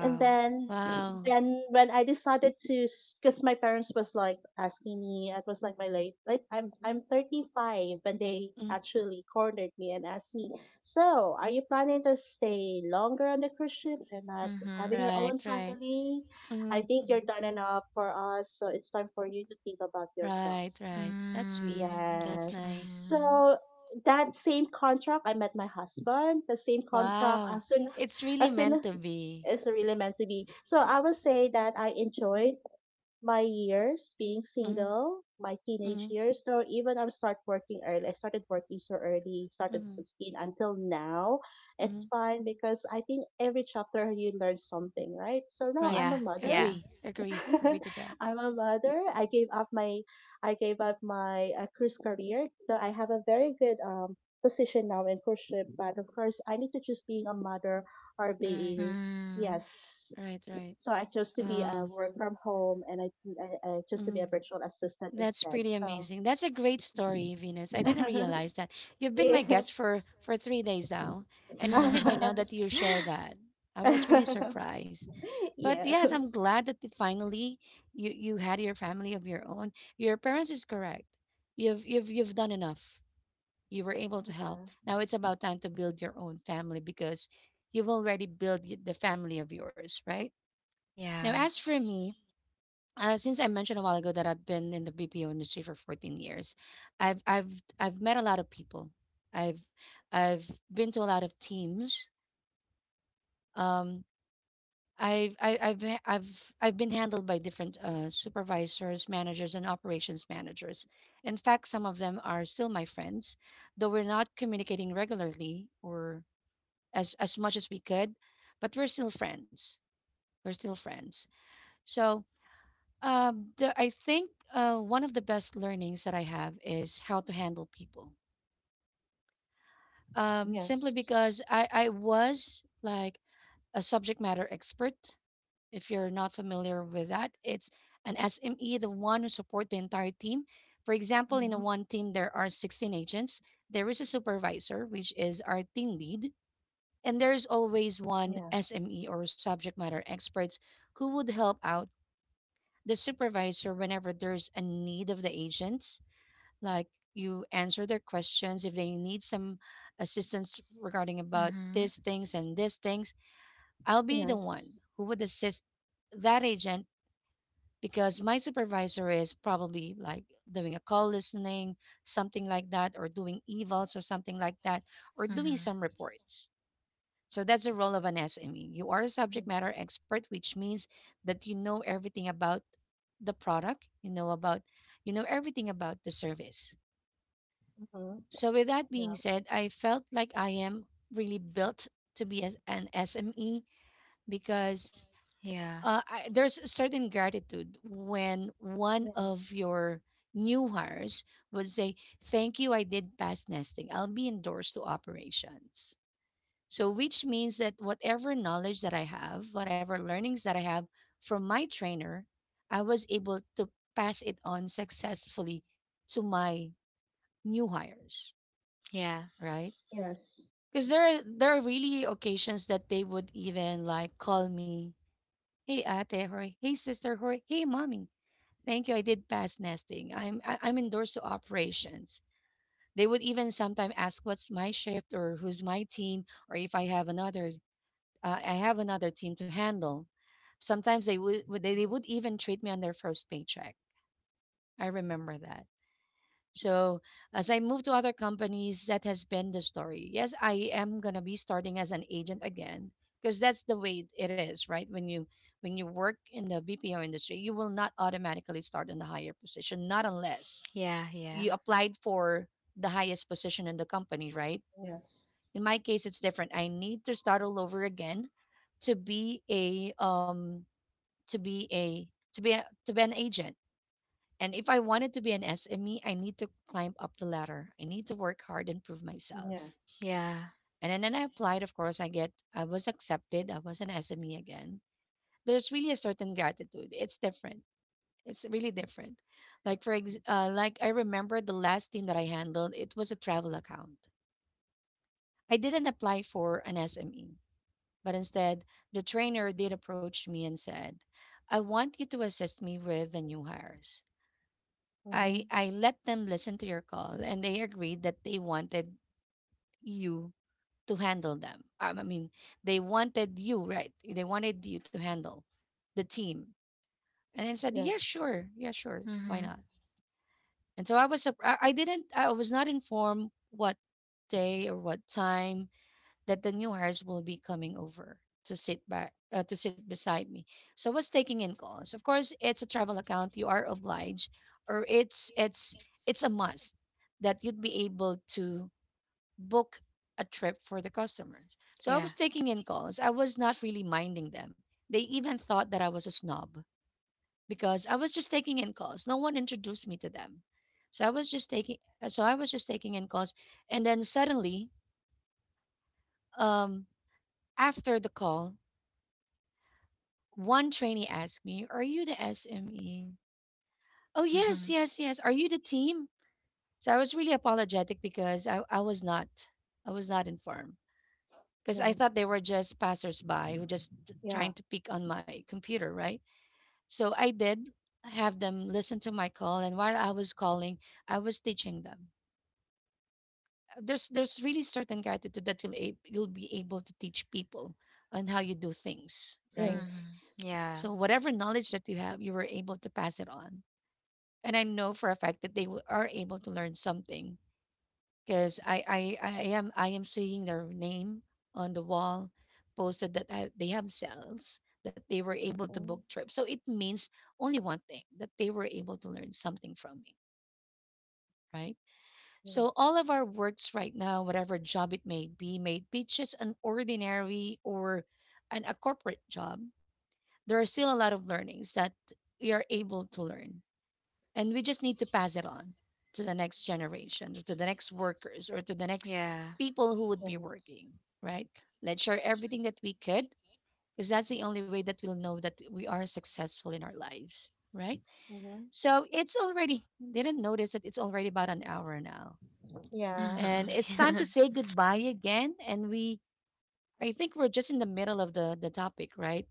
Speaker 2: and then
Speaker 1: wow.
Speaker 2: then when I decided to, because my parents was like asking me, it was like my late, like I'm 35, and they
Speaker 1: Mm,
Speaker 2: actually cornered me and asked me, so are you planning to stay longer on the cruise ship and not
Speaker 3: Mhm.
Speaker 2: having your
Speaker 1: right,
Speaker 2: own
Speaker 1: right.
Speaker 2: family? I
Speaker 1: Mhm,
Speaker 2: think you're
Speaker 1: mhm.
Speaker 2: done enough for us, so it's time for you to think about yourself.
Speaker 1: Right, right. That's
Speaker 3: Mm,
Speaker 1: sweet.
Speaker 3: that's
Speaker 1: That's
Speaker 2: Yes.
Speaker 1: nice.
Speaker 3: mm.
Speaker 2: So that same contract, I met my husband. The same contract
Speaker 1: Wow.
Speaker 2: as soon
Speaker 1: It's really
Speaker 2: as soon as
Speaker 1: meant to be.
Speaker 2: it's really meant to be. So I would say that I enjoyed my years being
Speaker 1: Mhm,
Speaker 2: single, my teenage
Speaker 1: mhm,
Speaker 2: years. So even I start working early. I started working so early, started
Speaker 1: mhm,
Speaker 2: 16 until now.
Speaker 1: mhm.
Speaker 2: It's fine because I think every chapter you learn something, right? So now
Speaker 1: Right.
Speaker 3: Yeah,
Speaker 2: I'm a
Speaker 3: yeah.
Speaker 2: mother.
Speaker 1: Agree. Agree. Agree to that.
Speaker 2: I'm a mother. I gave up my cruise career. So I have a very good position now in cruise ship, but of course I need to choose being a mother or
Speaker 1: Right.
Speaker 2: being
Speaker 3: Mm.
Speaker 2: yes.
Speaker 1: Right, right.
Speaker 2: So I chose to be a
Speaker 1: Wow.
Speaker 2: work from home, and I chose to be a
Speaker 1: Mhm.
Speaker 2: virtual assistant
Speaker 1: That's
Speaker 2: instead.
Speaker 1: pretty
Speaker 2: So
Speaker 1: amazing. That's a great story, Venus. I didn't realize that. You've been my
Speaker 2: yeah.
Speaker 1: guest for 3 days now, and it's only by now that you share that. I was really surprised. But
Speaker 2: Yes,
Speaker 1: yes, I'm glad that it finally you you had your family of your own. Your parents is correct. You've done enough. You were able to help.
Speaker 2: yeah,
Speaker 1: Now it's about time to build your own family because you've already built the family of yours, right? Now,
Speaker 3: yeah.
Speaker 1: as for me, since I mentioned a while ago that I've been in the BPO industry for 14 years, I've I've I've met a lot of people. I've I've been to a lot of teams. Um, I've I, I've ha- I've been handled by different supervisors, managers, and operations managers. In fact, some of them are still my friends, though we're not communicating regularly or as much as we could, but we're still friends. We're still friends. So I think one of the best learnings that I have is how to handle people. Simply
Speaker 2: yes,
Speaker 1: because I was like a subject matter expert. If you're not familiar with that, it's an SME, the one who support the entire team. For example, in a
Speaker 2: hmm,
Speaker 1: one team, there are 16 agents. There is a supervisor, which is our team lead. And there's always one
Speaker 2: yeah,
Speaker 1: SME or subject matter experts who would help out the supervisor whenever there's a need of the agents, like you answer their questions if they need some assistance regarding about these things and these things. I'll be the one
Speaker 2: yes,
Speaker 1: who would assist that agent because my supervisor is probably like doing a call listening, something like that, or doing evals or something like that, or doing
Speaker 3: Mm-hmm.
Speaker 1: some reports. So that's the role of an SME. You are a subject matter
Speaker 2: yes.
Speaker 1: expert, which means that you know everything about the product. You know about you know everything about the service.
Speaker 2: Hmm.
Speaker 1: So, with that being
Speaker 2: Yeah.
Speaker 1: said, I felt like I am really built to be as an SME because
Speaker 3: Yeah.
Speaker 1: there's a certain gratitude when one of
Speaker 2: Yes.
Speaker 1: your new hires would say, "Thank you, I did past nesting. I'll be endorsed to operations." So, which means that whatever knowledge that I have, whatever learnings that I have from my trainer, I was able to pass it on successfully to my new hires,
Speaker 3: Yeah.
Speaker 1: right?
Speaker 2: Yes.
Speaker 1: Because there are really occasions that they would even like call me, "Hey ate, or hey sister, or hey mommy. Thank you, I did past nesting. I'm endorsed to operations." They would even sometimes ask what's my shift or who's my team or if I have another I have another team to handle. Sometimes they they would
Speaker 2: Yes.
Speaker 1: even treat me on their first paycheck. I remember that. So as I move to other companies, that has been the story. Yes, I am gonna be starting as an agent again because that's the way it is, right? When you work in the BPO industry, you will not automatically start in the higher position, not unless
Speaker 3: Yeah. Yeah.
Speaker 1: you applied for the highest position in the company, right?
Speaker 2: Yes.
Speaker 1: In my case, it's different. I need to start all over again to be a to be an agent, and if I wanted to be an SME, I need to climb up the ladder. I need to work hard and prove myself.
Speaker 2: Yes.
Speaker 3: Yeah.
Speaker 1: And then I applied, of course, I was accepted. I was an SME again. There's really a certain gratitude. It's different. It's really different. Like like I remember the last thing that I handled, it was a travel account. I didn't apply for an SME, but instead the trainer did approach me and said, "I want you to assist me with the new hires. I
Speaker 2: Mm-hmm.
Speaker 1: I let them listen to your call, and they agreed that they wanted you to handle them. I mean, they wanted you, right? They wanted you to handle the team." And I said, "Yeah,
Speaker 2: Yes.
Speaker 1: sure, yeah, sure, why not?" And so I was, surp- I didn't, I was not informed what day or what time that the new hires will be coming over to sit back to sit beside me. So I was taking in calls. Of course, it's a travel account. You are obliged, or it's a must that you'd be able to book a trip for the customers. So I
Speaker 3: Yeah.
Speaker 1: was taking in calls. I was not really minding them. They even thought that I was a snob because I was just taking in calls. No one introduced me to them. So I was just taking so I was just taking in calls, and then suddenly, um after the call, one trainee asked me, "Are you the SME?" "Oh, yes,
Speaker 3: Mm-hmm.
Speaker 1: yes, yes." "Are you the team?" So I was really apologetic because I was not. I was not informed because I thought they were
Speaker 2: Yes.
Speaker 1: just passersby who
Speaker 2: Yeah.
Speaker 1: trying to peek on my computer, right? So I did have them listen to my call, and while I was calling, I was teaching them. There's really certain gratitude that you'll be able to teach people on how you do things, right?
Speaker 3: Mm-hmm.
Speaker 2: Yes.
Speaker 3: Yeah.
Speaker 1: So whatever knowledge that you have, you were able to pass it on, and I know for a fact that are able to learn something because I am seeing their name on the wall posted that they have cells that they were able to
Speaker 2: Mm-hmm.
Speaker 1: book trips. So it means only one thing, that they were able to learn something from me, right? So all
Speaker 2: Yes.
Speaker 1: of our works right now, whatever job it may be, may it be just an ordinary or an a corporate job, there are still a lot of learnings that we are able to learn, and we just need to pass it on to the next generation, or to the next workers, or to the next
Speaker 3: Yeah.
Speaker 1: people who would be working,
Speaker 2: Yes.
Speaker 1: right? Let's share everything that we could, because that's the only way that we'll know that we are successful in our lives, right?
Speaker 2: Mm-hmm.
Speaker 1: So it's already, didn't notice that it's already about an hour now.
Speaker 2: Yeah.
Speaker 1: And it's time to
Speaker 3: Mm-hmm.
Speaker 1: say goodbye again. And we, I think we're just in the middle of the topic, right?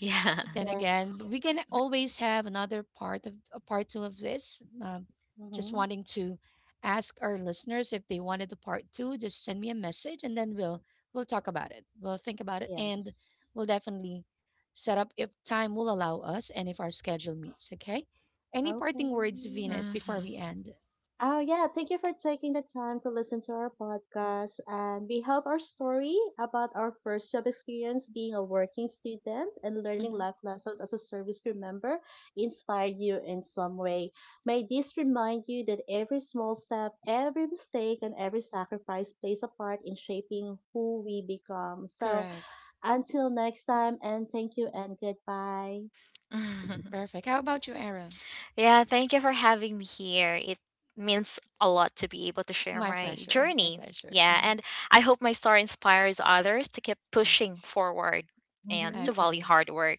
Speaker 3: yeah.
Speaker 1: But then again,
Speaker 2: Yes.
Speaker 1: we can always have another part two of this. Just
Speaker 2: Mm-hmm.
Speaker 1: wanting to ask our listeners if they wanted a part two, just send me a message, and then we'll talk about it. We'll think about it, and
Speaker 2: Yes.
Speaker 1: we'll definitely set up if time will allow us and if our schedule meets. Okay. Any
Speaker 2: Okay.
Speaker 1: parting words, Venus, before we
Speaker 3: Mm-hmm.
Speaker 1: end?
Speaker 2: Oh, yeah. Thank you for taking the time to listen to our podcast. And we hope our story about our first job experience being a working student and learning
Speaker 1: Hmm.
Speaker 2: life lessons as a service crew member inspired you in some way. May this remind you that every small step, every mistake, and every sacrifice plays a part in shaping who we become. So,
Speaker 1: Correct.
Speaker 2: until next time, and thank you and goodbye.
Speaker 1: Perfect. How about you, Era?
Speaker 3: yeah. Thank you for having me here. It means a lot to be able to share
Speaker 1: My
Speaker 3: my
Speaker 1: pleasure. My
Speaker 3: journey.
Speaker 1: pleasure.
Speaker 3: Yeah.
Speaker 1: Mhm.
Speaker 3: And I hope my story inspires others to keep
Speaker 1: Mhm.
Speaker 3: pushing forward and to
Speaker 2: Hmm.
Speaker 3: value
Speaker 1: Okay.
Speaker 3: hard work.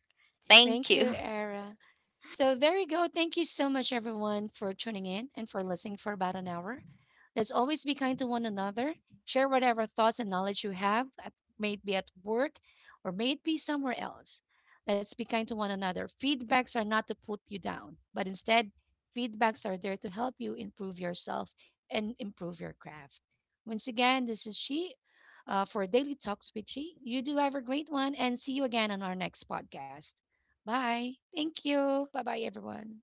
Speaker 1: Thank
Speaker 3: Thank
Speaker 1: you,
Speaker 3: you.
Speaker 1: Era. So there you go. Thank you so much, everyone, for tuning in and for listening for about an hour. Let's always be kind to one another. Share whatever thoughts and knowledge you have, at, may it be at work or may it be somewhere else. Let's be kind to one another. Feedbacks are not to put you down, but instead, feedbacks are there to help you improve yourself and improve your craft. Once again, this is She, for Daily Talks with She. You do have a great one, and see you again on our next podcast. Bye. Thank you. Bye bye, everyone.